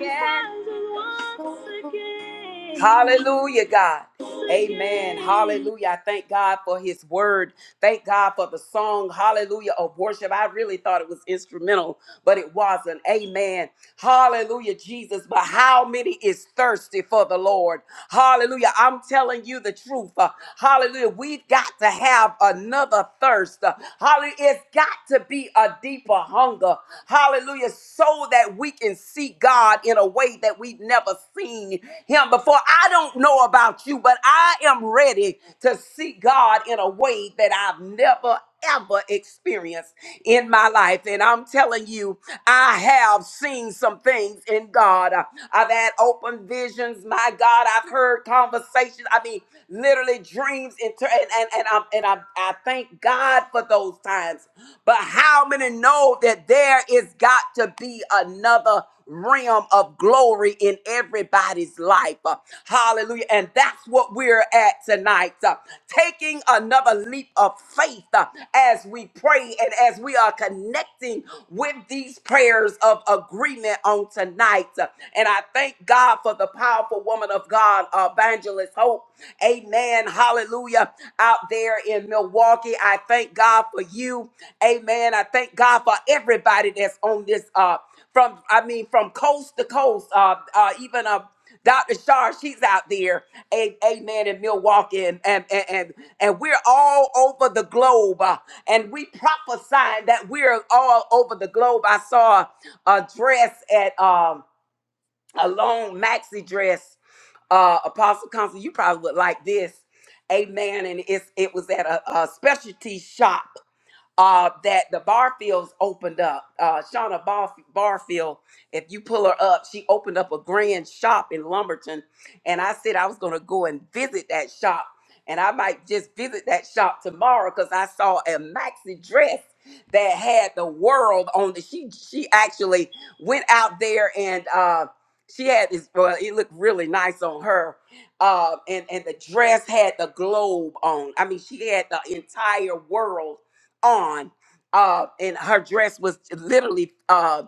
S2: Baptizes once again.
S6: you.
S2: Hallelujah, God. Amen. Hallelujah. I thank God for his word. Thank God for the song, Hallelujah, of worship. I really thought it was instrumental, but it wasn't. Amen. Hallelujah, Jesus. But how many is thirsty for the Lord? Hallelujah. I'm telling you the truth. Uh, Hallelujah. We've got to have another thirst. Uh, Hallelujah. It's got to be a deeper hunger. Hallelujah. So that we can see see God in a way that we've never seen him before. I don't know about you, but I am ready to see God in a way that I've never ever experienced in my life and I'm telling you I have seen some things in God. Uh, I've had open visions, my God. I've heard conversations. I mean, literally dreams inter- and and and I and I, I thank God for those times times. But how many know that there is got to be another realm of glory in everybody's life? Uh, Hallelujah. And that's what we're at tonight. uh, Taking another leap of faith uh, as we pray and as we are connecting with these prayers of agreement on tonight. Uh, And I thank God for the powerful woman of God, uh, Evangelist Hope Amen. Hallelujah. Out there in Milwaukee, I thank God for you. Amen. I thank God for everybody that's on this uh from I mean from coast to coast, uh uh even uh Dr. Shar, she's out there, a- amen, in Milwaukee, and, and, and, and, and we're all over the globe, uh, and we prophesying that we're all over the globe. I saw a dress at, um, a long maxi dress. Uh, Apostle Council, you probably would like this. Amen. And it's it was at a, a specialty shop uh, that the Barfields opened up. Uh, Shauna Barf- Barfield, if you pull her up, she opened up a grand shop in Lumberton. And I said I was going to go and visit that shop. And I might just visit that shop tomorrow because I saw a maxi dress that had the world on it. She she actually went out there and uh, she had this. Well, it looked really nice on her, uh, and and the dress had the globe on. I mean, she had the entire world on. Uh, and her dress was literally uh,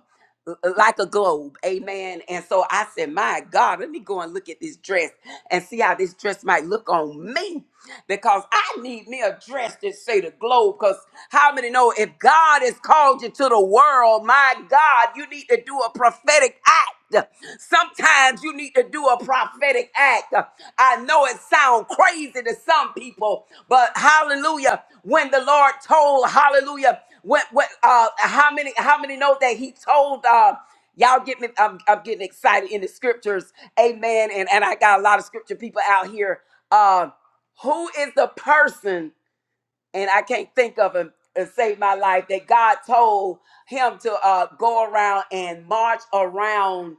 S2: l- like a globe. Amen. And so I said, My God, let me go and look at this dress and see how this dress might look on me because I need me a dress that say the globe. Because how many know if God has called you to the world, my God, you need to do a prophetic act. Sometimes you need to do a prophetic act. I know it sounds crazy to some people, but hallelujah. When the Lord told, hallelujah, what what uh how many how many know that he told uh y'all get me I'm, I'm getting excited in the scriptures amen and and i got a lot of scripture people out here uh, who is the person, and I can't think of him and save my life, that God told him to uh, go around and march around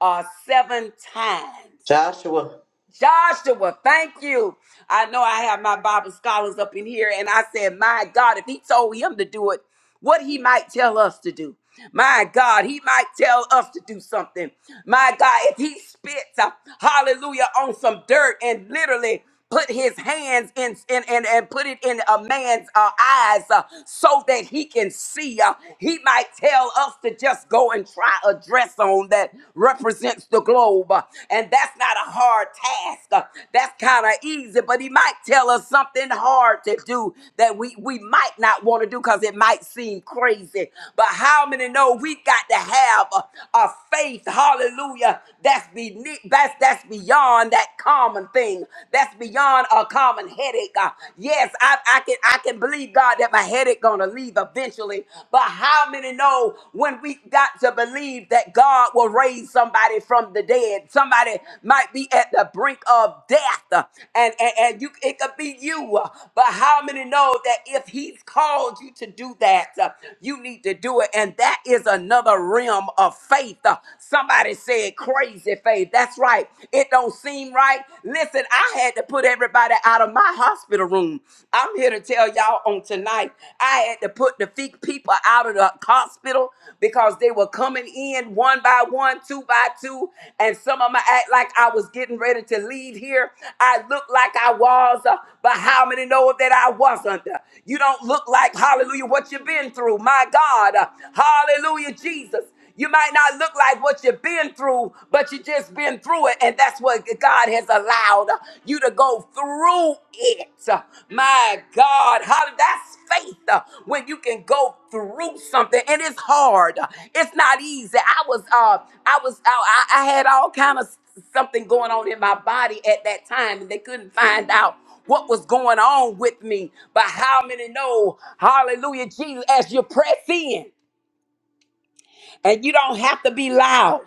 S2: uh, seven times?
S1: Joshua.
S2: Joshua, thank you. I know I have my Bible scholars up in here, and I said, My God, if he told him to do it, what he might tell us to do. My God, he might tell us to do something. My God, if he spits, uh, hallelujah, on some dirt and literally put his hands in, in, in and put it in a man's uh, eyes uh, so that he can see. Uh, he might tell us to just go and try a dress on that represents the globe. Uh, and that's not a hard task. Uh, that's kind of easy, but he might tell us something hard to do that we, we might not want to do because it might seem crazy. But how many know we got to have a, a faith, hallelujah, that's, be, that's, that's beyond beyond that common thing. That's beyond a common headache. Uh, yes, I, I can I can believe God that my headache gonna leave eventually. But how many know when we got to believe that God will raise somebody from the dead? Somebody might be at the brink of death, uh, and and, and you it could be you. uh, But how many know that if He's called you to do that, uh, you need to do it, and that is another realm of faith. Uh, Somebody said crazy faith. That's right. It don't seem right. Listen, I had to put everybody out of my hospital room. I'm here to tell y'all on tonight. I had to put the fe- people out of the hospital because they were coming in one by one, two by two, and some of them act like I was getting ready to leave here. I looked like I was, uh, but how many know that I wasn't? You don't look like hallelujah what you've been through. My God, Uh, hallelujah, Jesus. You might not look like what you've been through, but you just been through it, and that's what God has allowed you to go through it. My God, how that's faith uh, when you can go through something, and it's hard. It's not easy. I was, uh, I was, I, I I had all kind of something going on in my body at that time, and they couldn't find out what was going on with me. But how many know, Hallelujah, Jesus, as you press in. And you don't have to be loud.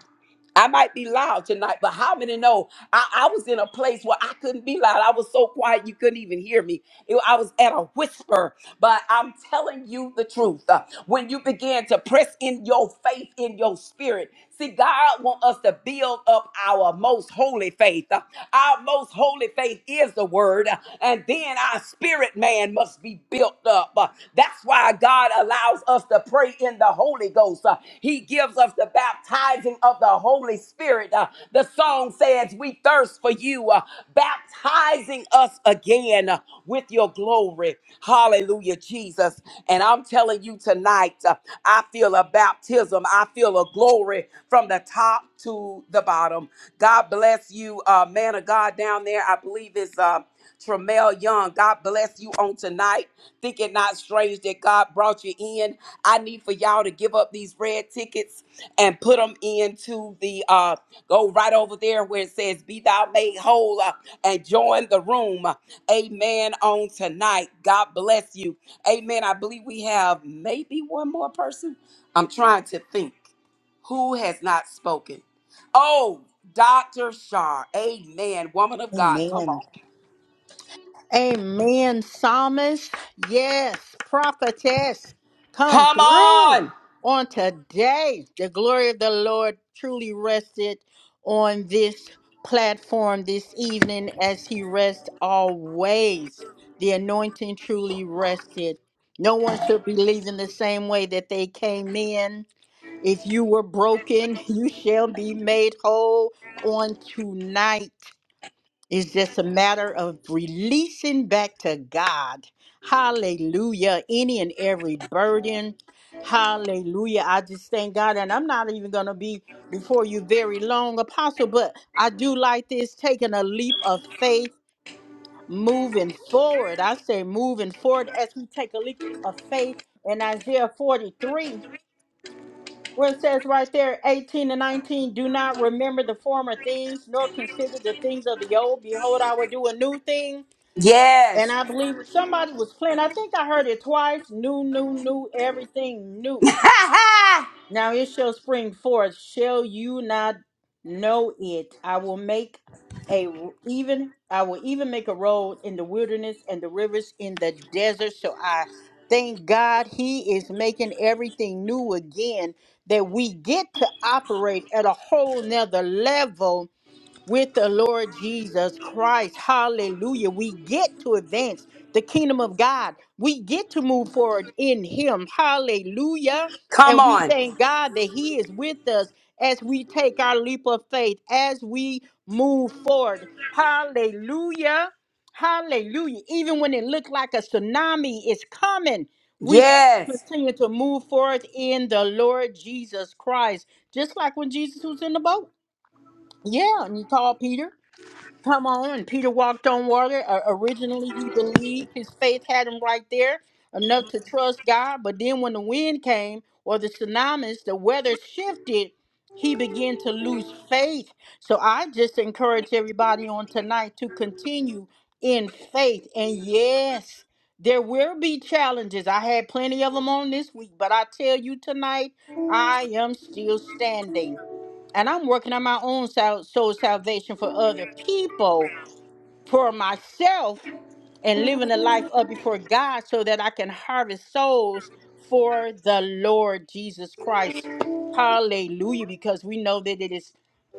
S2: I might be loud tonight, but how many know I, I was in a place where I couldn't be loud? I was so quiet you couldn't even hear me. It- I was at a whisper, but I'm telling you the truth. Uh, When you begin to press in your faith in your spirit, see, God wants us to build up our most holy faith. Uh, Our most holy faith is the word, uh, and then our spirit man must be built up. Uh, That's why God allows us to pray in the in the Holy Ghost. Uh, He gives us the baptizing of the Holy Spirit. Uh, The song says, We thirst for you, uh, baptizing us again uh, with your glory. Hallelujah, Jesus. And I'm telling you tonight, uh, I feel a baptism, I feel a glory from the top to the bottom. God bless you, uh, man of God down there. I believe it's. Uh, Tramel Young, God bless you on tonight. Think it not strange that God brought you in. I need for y'all to give up these red tickets and put them into the uh go right over there where it says be thou made whole uh, and join the room. Amen on tonight. God bless you. Amen. I believe we have maybe one more person. I'm trying to think who has not spoken. Oh, Dr. Shar. Amen. Woman of God. Come
S4: Amen.
S2: on.
S4: Amen, psalmist. Yes, prophetess. Come
S2: Come
S4: through
S2: on.
S4: on today. The glory of the Lord truly rested on this platform this evening as he rests always. The anointing truly rested. No one should be leaving the same way that they came in. If you were broken, [LAUGHS] you shall be made whole on tonight. It's just a matter of releasing back to God. Hallelujah. Any and every burden. Hallelujah. I just thank God. And I'm not even going to be before you very long, Apostle, but I do like this taking a leap of faith, moving forward. I say moving forward as we take a leap of faith in Isaiah 43 where it says right there, 18 and 19, do not remember the former things, nor consider the things of the old. Behold, I will do a new thing. And
S2: Yes.
S4: I believe somebody was playing. I think I heard it twice. New, new, new, everything new.
S2: [LAUGHS]
S4: Now it shall spring forth. Shall you not know it? I will make a r- even. I will even make a road in the wilderness and the rivers in the desert. So I thank God He is making everything new again. That we get to operate at a whole nother level with the Lord Jesus Christ. Hallelujah. We get to advance the kingdom of God. We get to move forward in Him. Hallelujah.
S2: Come
S4: And we
S2: on.
S4: thank God that He is with us as we take our leap of faith, as we move forward. Hallelujah. Hallelujah. Even when it looked like a tsunami is coming, we still
S2: Yes.
S4: continue to move forward in the Lord Jesus Christ. Just like when Jesus was in the boat. Yeah, and you call Peter. Come on, Peter walked on water. Uh, originally, he believed his faith had him right there enough to trust God. But then, when the wind came or the tsunamis, the weather shifted, he began to lose faith. So, I just encourage everybody on tonight to continue in faith. And yes, there will be challenges. I had plenty of them on this week, but I tell you tonight, I am still standing and I'm working on my own sal- soul salvation for other people, for myself, and living a life up before God so that I can harvest souls for the Lord Jesus Christ. Hallelujah. Because we know that it is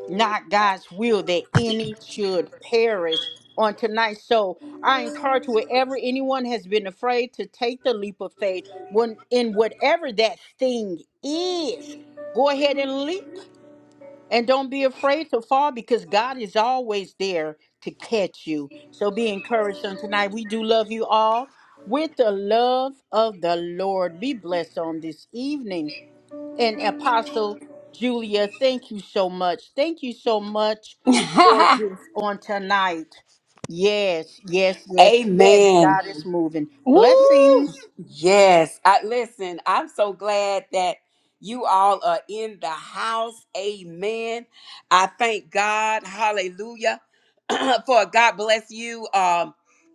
S4: not God's will that any should perish on tonight. So I encourage wherever anyone has been afraid to take the leap of faith when in whatever that thing is. Go ahead and leap and don't be afraid to fall because God is always there to catch you. So be encouraged on tonight. We do love you all with the love of the Lord. Be blessed on this evening. And Apostle Julia, thank you so much. Thank you so much for
S2: [LAUGHS]
S4: this on tonight. Yes, yes, yes, yes.
S2: Amen.
S4: God is moving.
S2: Woo!
S4: Blessings.
S2: Yes. I listen, I'm so glad that you all are in the house. Amen. I thank God. Hallelujah. [CLEARS THROAT] For God bless you. Um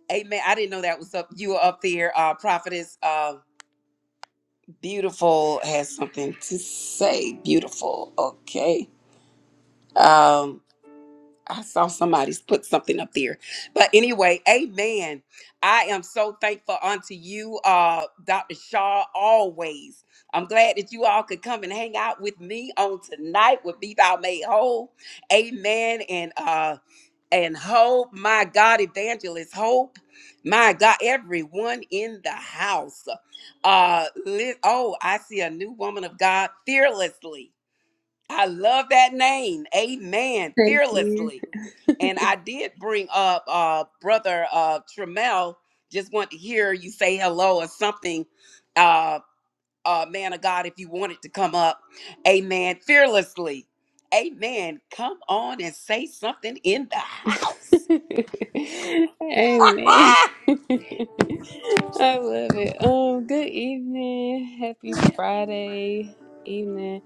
S2: Amen. I didn't know that was up. You were up there. Uh prophetess uh beautiful has something to say. Beautiful. Okay. Um. I saw somebody's put something up there. But anyway, amen. I am so thankful unto you, uh, Dr. Shaw, always. I'm glad that you all could come and hang out with me on tonight with Be Thou Made Whole. Amen. And uh and hope, my God, evangelist, hope, my God, everyone in the house. Uh, li- oh, I see a new woman of God fearlessly. I love that name. Amen.
S10: Thank you.
S2: Fearlessly.
S10: [LAUGHS]
S2: And I did bring up uh brother uh Tremel. Just want to hear you say hello or something. Uh uh man of God, if you wanted to come up. Amen. Fearlessly. Amen. Come on and say something in the house.
S10: Amen. [LAUGHS] I love it. Um, good evening. Happy Friday evening.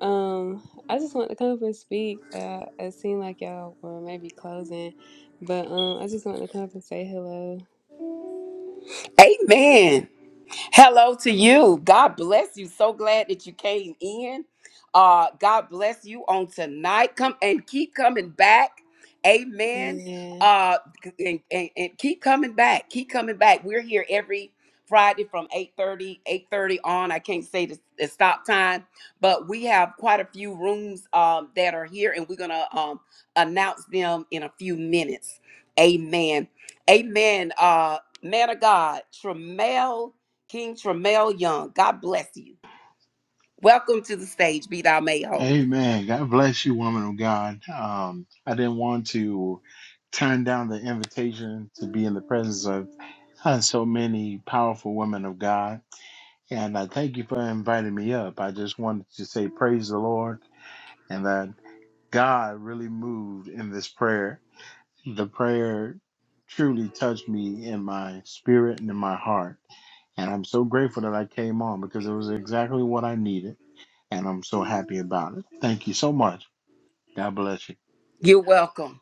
S10: Um, I just want to come up and speak. Uh, it seemed like y'all were maybe closing, but um, I just want to come up and say hello.
S2: [LAUGHS] Amen. Hello to you. God bless you. So glad that you came in. Uh, God bless you on tonight. Come and keep coming back. Amen.
S10: Amen.
S2: Uh, and, and, and keep coming back. Keep coming back. We're here every Friday from eight thirty eight thirty on. I can't say the, the stop time, but we have quite a few rooms um, that are here, and we're gonna um, announce them in a few minutes. Amen. Amen. Uh, man of God, Tremel King Tremel Young, God bless you. Welcome to the stage, Be Thou Made Whole.
S11: Amen. God bless you, woman of God. Um, I didn't want to turn down the invitation to be in the presence of uh, so many powerful women of God. And I thank you for inviting me up. I just wanted to say praise the Lord and that God really moved in this prayer. The prayer truly touched me in my spirit and in my heart. And I'm so grateful that I came on because it was exactly what I needed. And I'm so happy about it. Thank you so much. God bless you.
S2: You're welcome.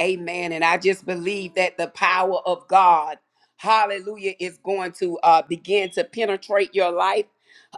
S2: Amen. And I just believe that the power of God, hallelujah, is going to uh, begin to penetrate your life.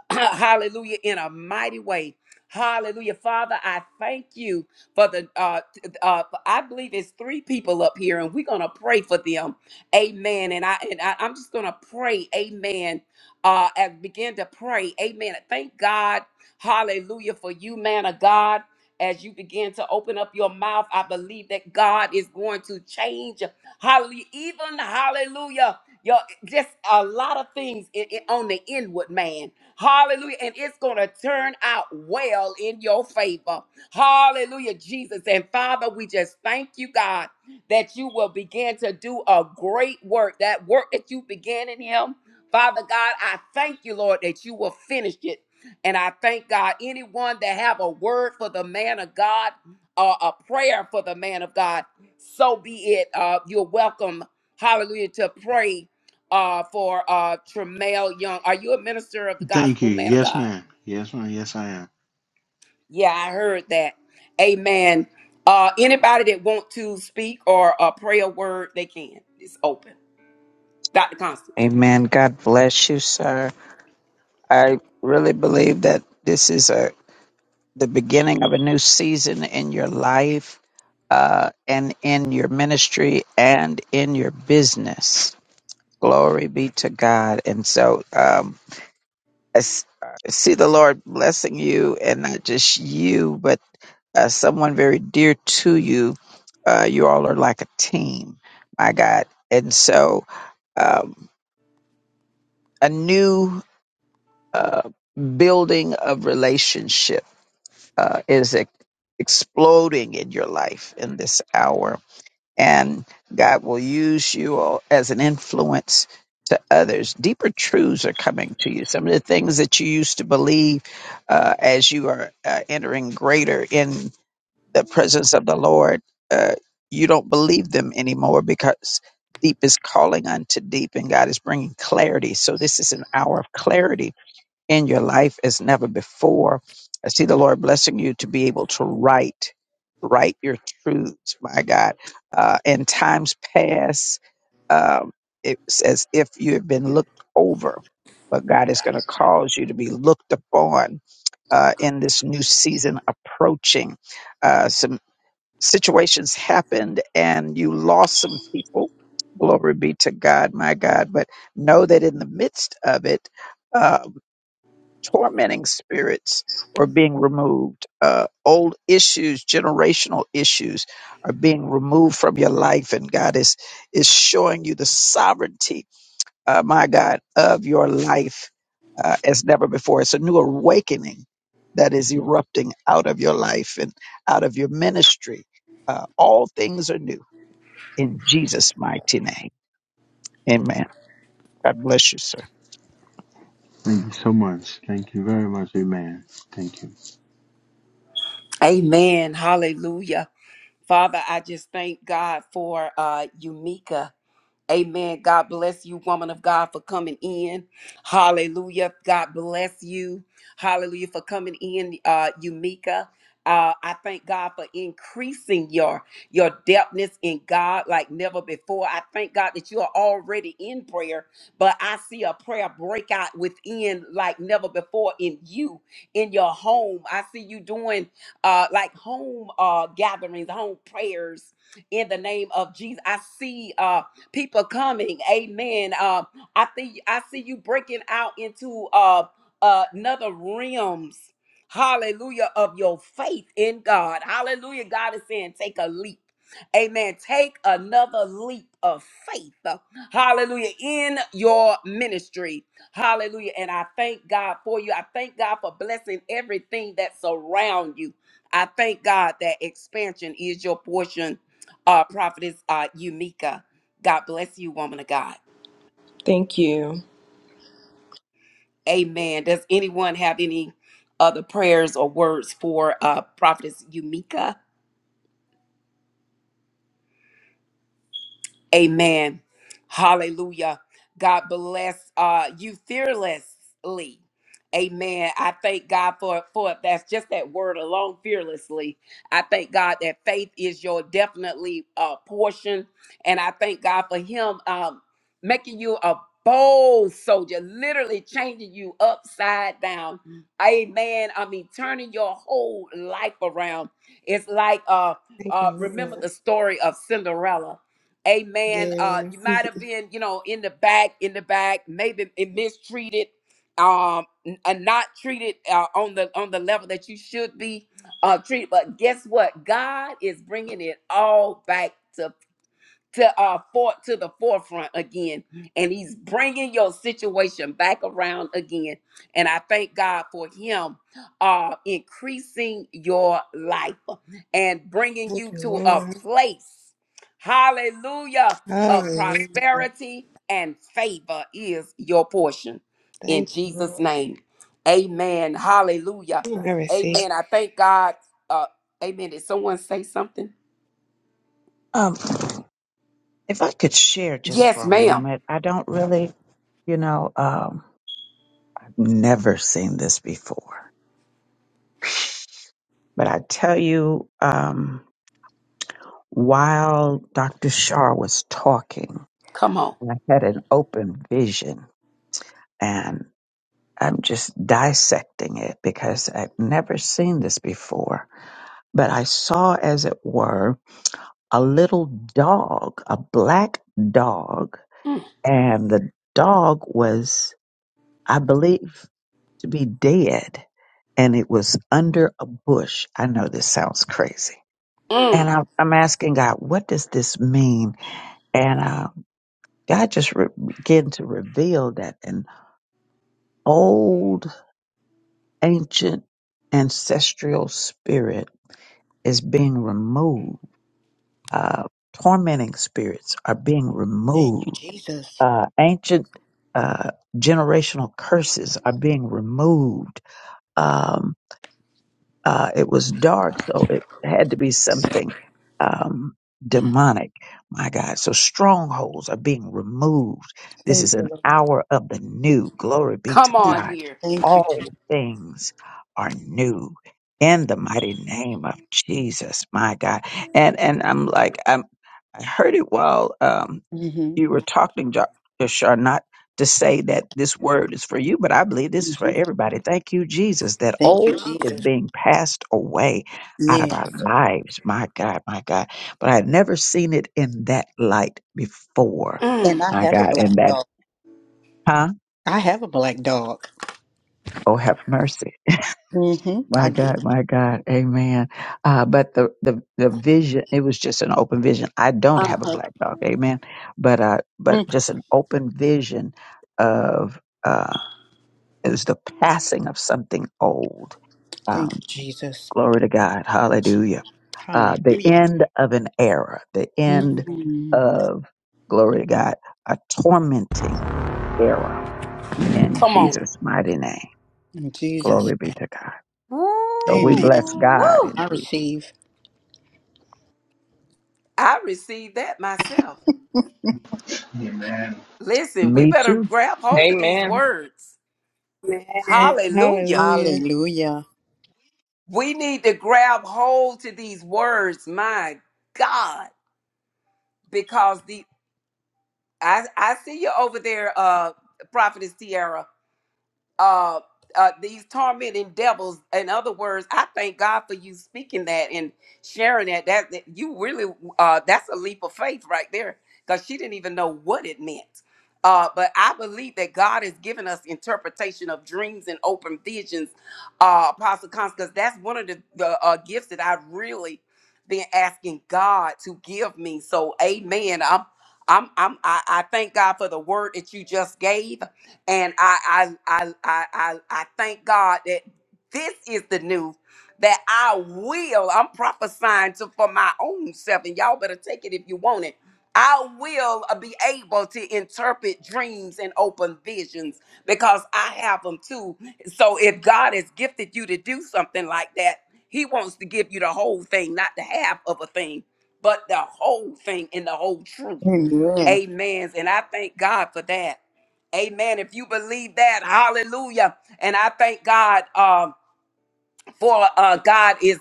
S2: [COUGHS] [CLEARS THROAT] hallelujah, in a mighty way. Hallelujah. Father, I thank you for the, uh, t- uh, I believe it's three people up here and we're going to pray for them. Amen. And I, and I, I'm just going to pray. Amen. Uh, and begin to pray. Amen. Thank God. Hallelujah for you, man of God. As you begin to open up your mouth, I believe that God is going to change. Hallelujah. Even hallelujah. Your, just a lot of things in, in- on the inward man. Hallelujah. And it's going to turn out well in your favor. Hallelujah, Jesus. And Father, we just thank you, God, that you will begin to do a great work. That work that you began in him. Father God, I thank you, Lord, that you will finish it. And I thank God, anyone that have a word for the man of God, or a prayer for the man of God, so be it. Uh, you're welcome, hallelujah, to pray uh, for uh, Tremaine Young. Are you a minister of the
S11: Thank you.
S2: gospel, man of
S11: Yes,
S2: God?
S11: ma'am. Yes, ma'am. Yes, I am.
S2: Yeah, I heard that. Amen. Uh, anybody that want to speak or uh, pray a word, they can. It's open. Dr. Constance.
S5: Amen. God bless you, sir. I really believe that this is a the beginning of a new season in your life, uh, and in your ministry and in your business. Glory be to God. And so, um, I s- I see the Lord blessing you, and not just you, but uh, someone very dear to you. Uh, you all are like a team, my God. And so, um, a new uh, building of relationships uh, is ex- exploding in your life in this hour. And God will use you all as an influence to others. Deeper truths are coming to you. Some of the things that you used to believe uh, as you are uh, entering greater in the presence of the Lord, uh, you don't believe them anymore because deep is calling unto deep and God is bringing clarity. So, this is an hour of clarity in your life as never before. I see the Lord blessing you to be able to write, write your truths, my God. Uh, in times past, um, it's as if you have been looked over, but God is going to cause you to be looked upon uh, in this new season approaching. Uh, some situations happened and you lost some people. Glory be to God, my God. But know that in the midst of it, uh, tormenting spirits are being removed. Uh, old issues, generational issues are being removed from your life, and God is is showing you the sovereignty, uh, my God, of your life uh, as never before. It's a new awakening that is erupting out of your life and out of your ministry. Uh, all things are new in Jesus' mighty name. Amen. God bless you, sir.
S11: Thank you so much. Thank you very much. Amen. Thank you.
S2: Amen. Hallelujah. Father, I just thank God for uh, Umika. Amen. God bless you, woman of God, for coming in. Hallelujah. God bless you. Hallelujah for coming in, uh, Umika. Uh, I thank God for increasing your your depthness in God like never before. I thank God that you are already in prayer, but I see a prayer breakout within like never before in you, in your home. I see you doing uh, like home uh, gatherings, home prayers in the name of Jesus. I see. Uh, people coming. Amen. Uh, I think I see you breaking out into uh, uh, another realms. Hallelujah of your faith in God. Hallelujah. God is saying, take a leap. Amen. Take another leap of faith. Hallelujah. In your ministry. Hallelujah. And I thank God for you. I thank God for blessing everything that's around you. I thank God that expansion is your portion, uh, Prophetess uh, Yumika. God bless you, woman of God.
S8: Thank you.
S2: Amen. Does anyone have any other prayers or words for uh, Prophetess Yumika? Amen. Hallelujah. God bless uh, you fearlessly. Amen. I thank God for for that's just that word alone, fearlessly. I thank God that faith is your definitely uh, portion, and I thank God for Him um, making you a bold soldier, literally changing you upside down. Amen. I mean, turning your whole life around. It's like uh,
S10: Thank
S2: uh,
S10: you,
S2: remember
S10: Lord.
S2: the story of Cinderella Amen. Uh,
S10: Yes.
S2: you might
S10: [LAUGHS]
S2: have been, you know, in the back, in the back, maybe it mistreated, um, n- uh, not treated uh, on the on the level that you should be uh, treated. But guess what? God is bringing it all back to to uh for to the forefront again and he's bringing your situation back around again and i thank god for him uh increasing your life and bringing
S10: Thank
S2: you
S10: you,
S2: to a
S10: Lord.
S2: place hallelujah of
S10: Hallelujah.
S2: prosperity and favor is your portion in
S10: Thank you,
S2: jesus
S10: Lord.
S2: name amen hallelujah
S10: I receive.
S2: amen i thank god uh amen did someone say something
S5: Um, if I could share just for
S2: yes
S5: a
S2: ma'am
S5: moment, I don't really You know, um, I've never seen this before. But I tell you, um, while Dr. Shar was talking,
S2: come on
S5: I had an open vision and I'm just dissecting it because I've never seen this before. But I saw, as it were, a little dog, a black dog, and the dog was, I believe, to be dead and it was under a bush. I know this sounds crazy. And
S2: Mm,
S5: I'm, I'm asking God, what does this mean? And uh, God just re- began to reveal that an old, ancient, ancestral spirit is being removed. Uh, tormenting spirits are being
S4: Thank you,
S5: removed.
S4: Jesus.
S5: Uh, ancient uh, generational curses are being removed. Um, uh, it was dark, so it had to be something um, demonic. My God. So strongholds are being removed. This
S4: Thank
S5: is
S4: you,
S5: an
S4: Lord.
S5: hour of the new. Glory be to
S2: come
S4: Mm.
S2: on
S5: God.
S2: here.
S4: Thank you.
S5: All things are new in the mighty name of Jesus. My God. And and I'm like I'm, I heard it while. Um,
S4: Mm-hmm.
S5: you were talking, Jo- Joshua, not to say that this word is for you, but I believe this is for everybody. Thank you, Jesus, that
S4: Thank
S5: old
S4: you,
S5: is being passed away out of
S4: Jesus.
S5: our lives. My God, my God. But I had never seen it in that light before.
S4: And
S2: Mm,
S4: I
S5: My
S4: have a
S5: God.
S4: black
S5: And that,
S4: dog.
S5: huh?
S4: I have a black dog.
S5: Oh, have mercy.
S4: Mm-hmm. I
S5: My
S4: do.
S5: God, my God, Amen. Uh, but the, the the vision, it was just an open vision. I don't have a
S4: Uh-huh.
S5: black dog, Amen. But uh, but
S4: Mm.
S5: just an open vision of uh, It was the passing of something old.
S4: Thank
S5: Um,
S4: you, Jesus.
S5: glory to God. Hallelujah. Uh, the
S4: Hallelujah.
S5: end of an era, the end
S4: Mm.
S5: of, glory to God, a tormenting era in
S2: come on.
S5: Jesus' mighty name.
S4: In Jesus.
S5: Glory be to God. So we
S4: Amen.
S5: bless God
S2: Woo!
S4: I
S5: indeed.
S4: receive.
S2: I received that myself.
S11: Amen.
S2: Listen, we
S5: Me
S2: better
S5: too.
S2: grab hold of these
S9: Amen.
S2: words.
S10: Amen.
S2: Hallelujah.
S10: Hallelujah.
S4: Hallelujah.
S2: We need to grab hold to these words, my God, because the I I see you over there, uh, Prophetess Tiara. uh, uh, these tormenting devils. In other words, I thank God for you speaking that and sharing that. That, that you really, uh, that's a leap of faith right there, because she didn't even know what it meant. Uh, but I believe that God has given us interpretation of dreams and open visions, uh, Apostle Constance, because that's one of the, the uh, gifts that I've really been asking God to give me. So, Amen. I'm, I'm, I'm, I, I thank God for the word that you just gave and I I I I I, I thank God that this is the new that I will. I'm prophesying to for my own self, and y'all better take it if you want it. I will uh, be able to interpret dreams and open visions because I have them too. So if God has gifted you to do something like that, He wants to give you the whole thing, not the half of a thing, but the whole thing and the whole truth.
S4: Amen.
S2: Amens. And I thank God for that. Amen. If you believe that, hallelujah. And I thank God um, for uh, God is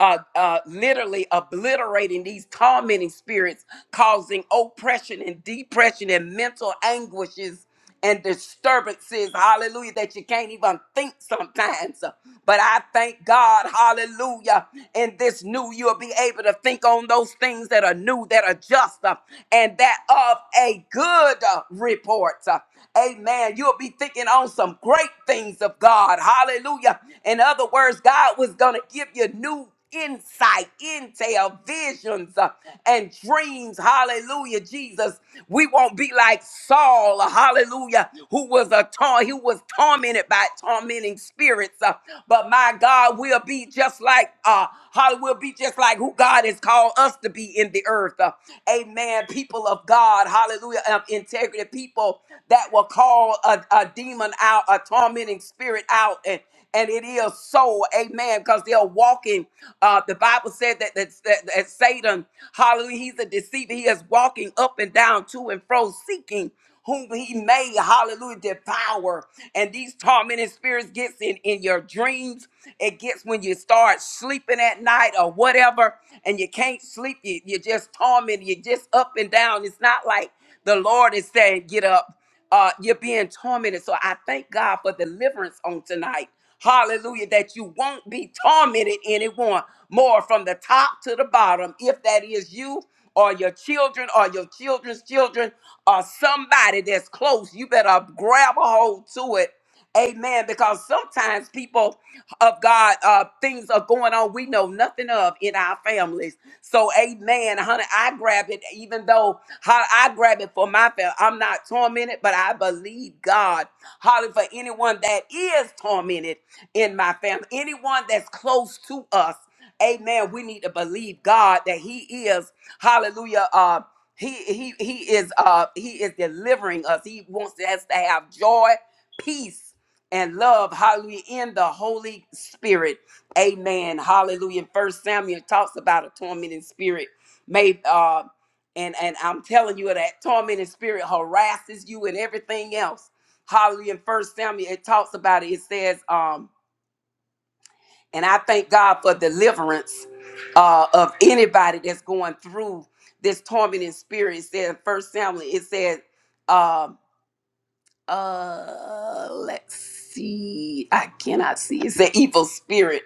S2: uh, uh, literally obliterating these tormenting spirits, causing oppression and depression and mental anguishes and disturbances. Hallelujah, that you can't even think sometimes. But I thank God, hallelujah, in this new, you'll be able to think on those things that are new, that are just, uh, and that of a good uh, report. Uh, Amen. You'll be thinking on some great things of God. Hallelujah. In other words, God was going to give you new insight, intel, visions, uh, and dreams. Hallelujah, Jesus. We won't be like Saul, uh, hallelujah, who was a tor- who was tormented by tormenting spirits. uh, but my God, we'll be just like uh hall- we'll be just like who God has called us to be in the earth. uh, amen. People of God, hallelujah, um, integrity people that will call a, a demon out, a tormenting spirit out, and and it is so. Amen. Because they're walking. Uh, the Bible said that, that, that, that Satan, hallelujah, he's a deceiver. He is walking up and down, to and fro, seeking whom he may, hallelujah, devour. And these tormenting spirits gets in, in your dreams. It gets when you start sleeping at night or whatever, and you can't sleep. You, you're just tormented. You're just up and down. It's not like the Lord is saying, get up. Uh, you're being tormented. So I thank God for deliverance on tonight. Hallelujah. That you won't be tormented anymore, more from the top to the bottom. If that is you or your children or your children's children or somebody that's close, you better grab a hold to it. Amen. Because sometimes people of God, uh, things are going on we know nothing of in our families. So, amen. Honey, I grabbed it even though how I grab it for my family. I'm not tormented, but I believe God. Holly for anyone that is tormented in my family, anyone that's close to us. Amen. We need to believe God that He is, hallelujah. Uh he he he is uh he is delivering us. He wants us to have joy, peace, and love, hallelujah, in the Holy Spirit. Amen. Hallelujah. First Samuel talks about a tormenting spirit. May and and I'm telling you that tormenting spirit harasses you and everything else. Hallelujah. In First Samuel, it talks about it. It says, um, and I thank God for deliverance uh, of anybody that's going through this tormenting spirit. It says First Samuel, it says, um, uh let's see i cannot see it's an evil spirit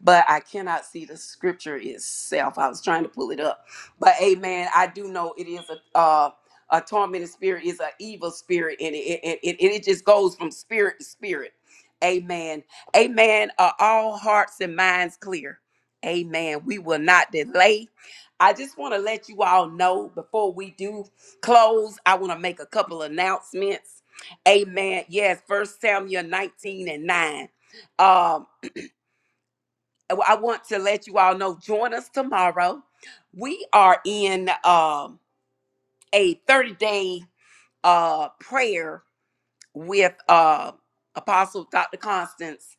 S2: but i cannot see the scripture itself i was trying to pull it up but amen i do know it is a uh a tormented spirit is an evil spirit and it it, it, it it just goes from spirit to spirit amen amen are all hearts and minds clear amen we will not delay i just want to let you all know before we do close i want to make a couple announcements Amen. Yes, First Samuel 19 and 9. Um, I want to let you all know, join us tomorrow. We are in um a 30-day uh prayer with uh Apostle Dr. Constance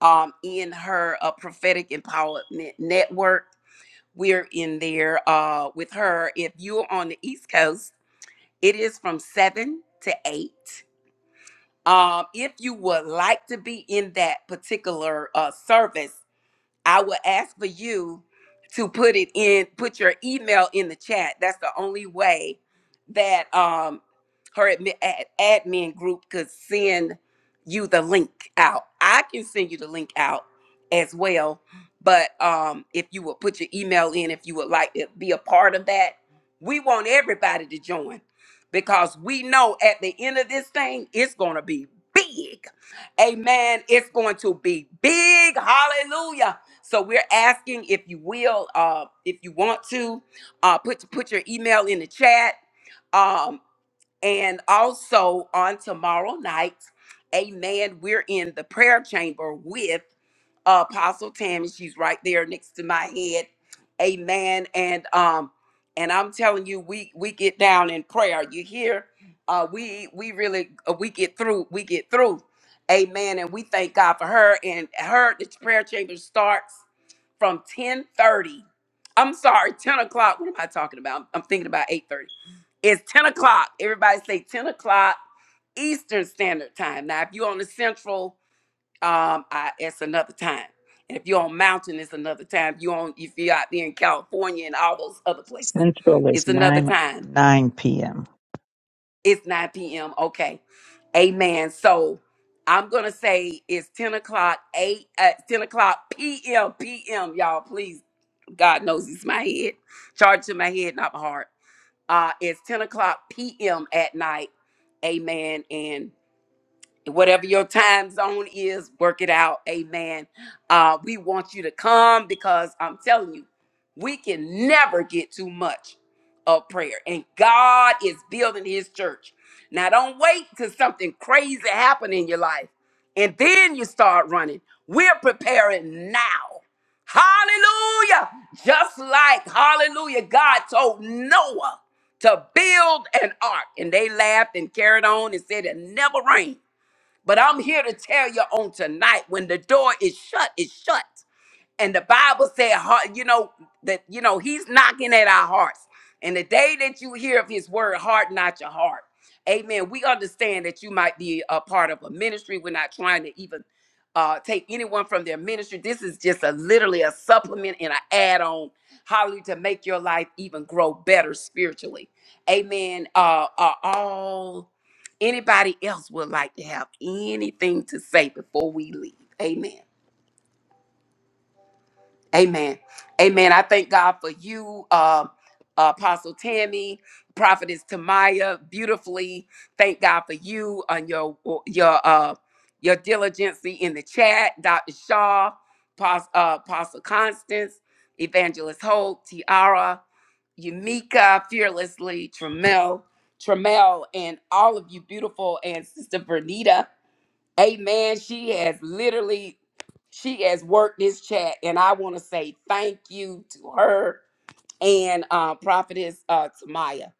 S2: um in her uh, prophetic empowerment network. We're in there uh with her. If you're on the East Coast, it is from seven to eight. Um, if you would like to be in that particular uh, service, I will ask for you to put it in, put your email in the chat. That's the only way that um her admi- ad- admin group could send you the link out. I can send you the link out as well, but um if you would put your email in, if you would like to be a part of that, we want everybody to join because we know at the end of this thing, it's gonna be big. Amen. It's going to be big. Hallelujah. So we're asking if you will, uh, if you want to, uh, put put your email in the chat, um, and also on tomorrow night, Amen. We're in the prayer chamber with uh, Apostle Tammy. She's right there next to my head. Amen. And um, and I'm telling you, we we get down in prayer. You hear? Uh, we we really uh, we get through. We get through. Amen. And we thank God for her and her. The prayer chamber starts from 10:30. I'm sorry, 10 o'clock. What am I talking about? I'm, I'm thinking about 8:30. It's 10 o'clock. Everybody say 10 o'clock Eastern Standard Time. Now, if you're on the Central um, I, it's another time. And if you're on mountain, it's another time. you on if you're out there in California and all those other places,
S5: Central is
S2: it's another
S5: 9,
S2: time.
S5: 9 p.m.
S2: It's 9 p.m. Okay, amen. So I'm gonna say it's 10 o'clock, eight uh, 10 o'clock p.m. p.m. Y'all, please, God knows it's my head, Charge to my head, not my heart. Uh, it's 10 o'clock p.m. at night, amen. And whatever your time zone is, work it out. Amen. Uh, we want you to come because I'm telling you, we can never get too much of prayer. And God is building his church. Now, don't wait till something crazy happen in your life and then you start running. We're preparing now. Hallelujah. Just like, hallelujah, God told Noah to build an ark. And they laughed and carried on and said it never rained but I'm here to tell you on tonight when the door is shut, it's shut. And the Bible said, heart- you know, that, you know, he's knocking at our hearts. And the day that you hear of his word, harden not your heart. Amen. We understand that you might be a part of a ministry. We're not trying to even uh, take anyone from their ministry. This is just a literally a supplement and an add-on, hallelujah, to make your life even grow better spiritually. Amen. Uh, uh, all anybody else would like to have anything to say before we leave. Amen. Amen. Amen. I thank God for you, uh, Apostle Tammy, Prophetess Tamaya, beautifully. Thank God for you and your your uh your diligence in the chat, Dr. Shaw, Pos- uh, Apostle Constance, Evangelist Hope, Tiara, Yumika, Fearlessly, Tramel, Tramel, and all of you beautiful and Sister Vernita. Amen. She has literally, she has worked this chat, and I want to say thank you to her and uh, Prophetess uh, Tamaya.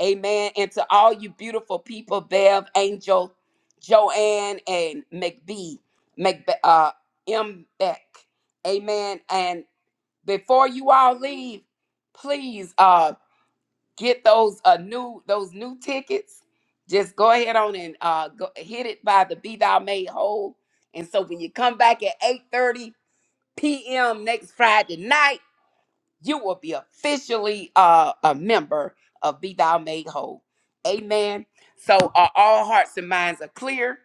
S2: Amen. And to all you beautiful people, Bev, Angel, Joanne, and McBee, Mc, uh, M. Beck. Amen. And before you all leave, please. Uh, get those uh new those new tickets just go ahead on and uh go, hit it by the be thou made whole and so when you come back at 8:30 p.m next friday night you will be officially uh a member of be thou made whole amen so uh, all hearts and minds are clear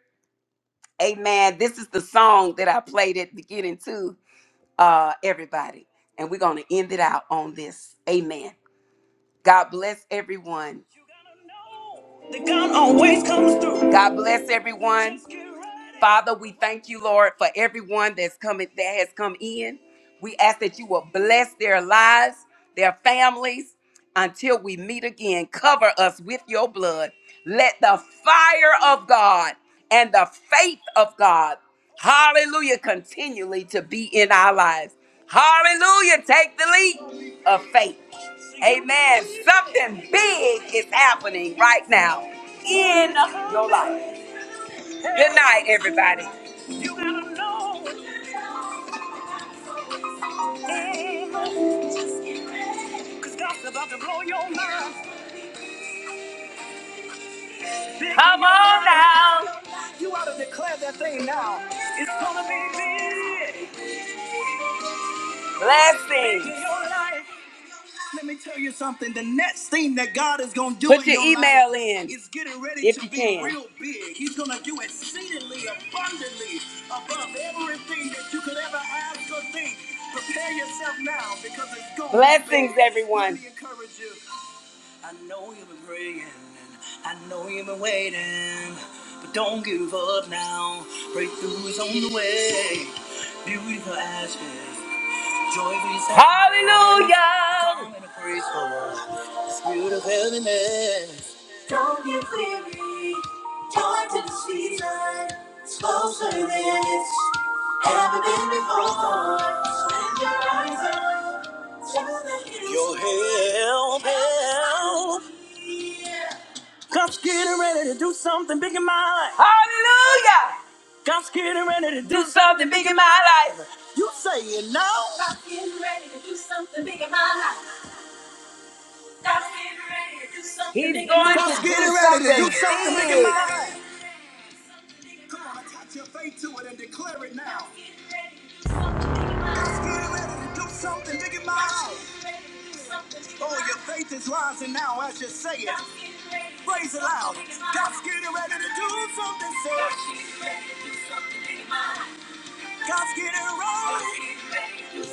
S2: amen this is the song that i played at the beginning to uh everybody and we're gonna end it out on this amen god bless everyone God bless everyone. Father, we thank you, Lord, for everyone that's coming that has come in. We ask that you will bless their lives, their families, until we meet again. Cover us with your blood. Let the fire of God and the faith of God, hallelujah, continually to be in our lives. Hallelujah, take the leap of faith. Amen. Something big is happening right now in your life. Good night, everybody. Come on now. Let's sing. Hallelujah. Hallelujah. Do something big in my life. He's going.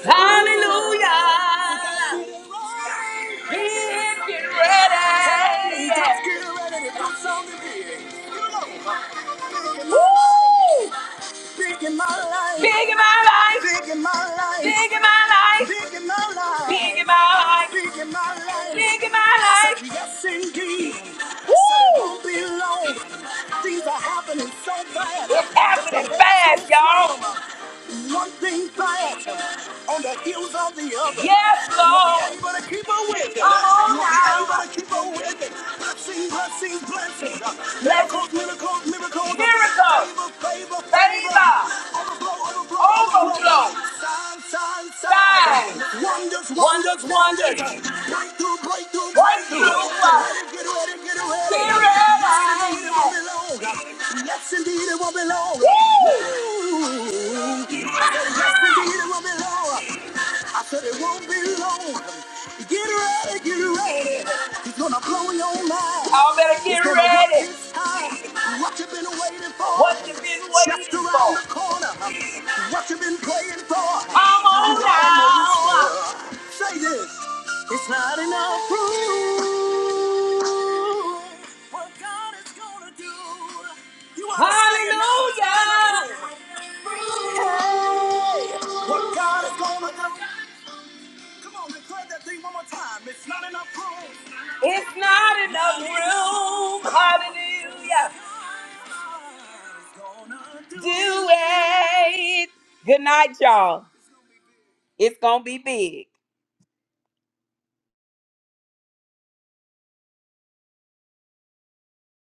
S2: Hallelujah. He's getting ready. Big in my life. Big in my life. Big in my life. Big in my life. After that fast, y'all. Y'all better this in. It's not enough. Hallelujah. Do it. Good night, y'all. It's going to be big.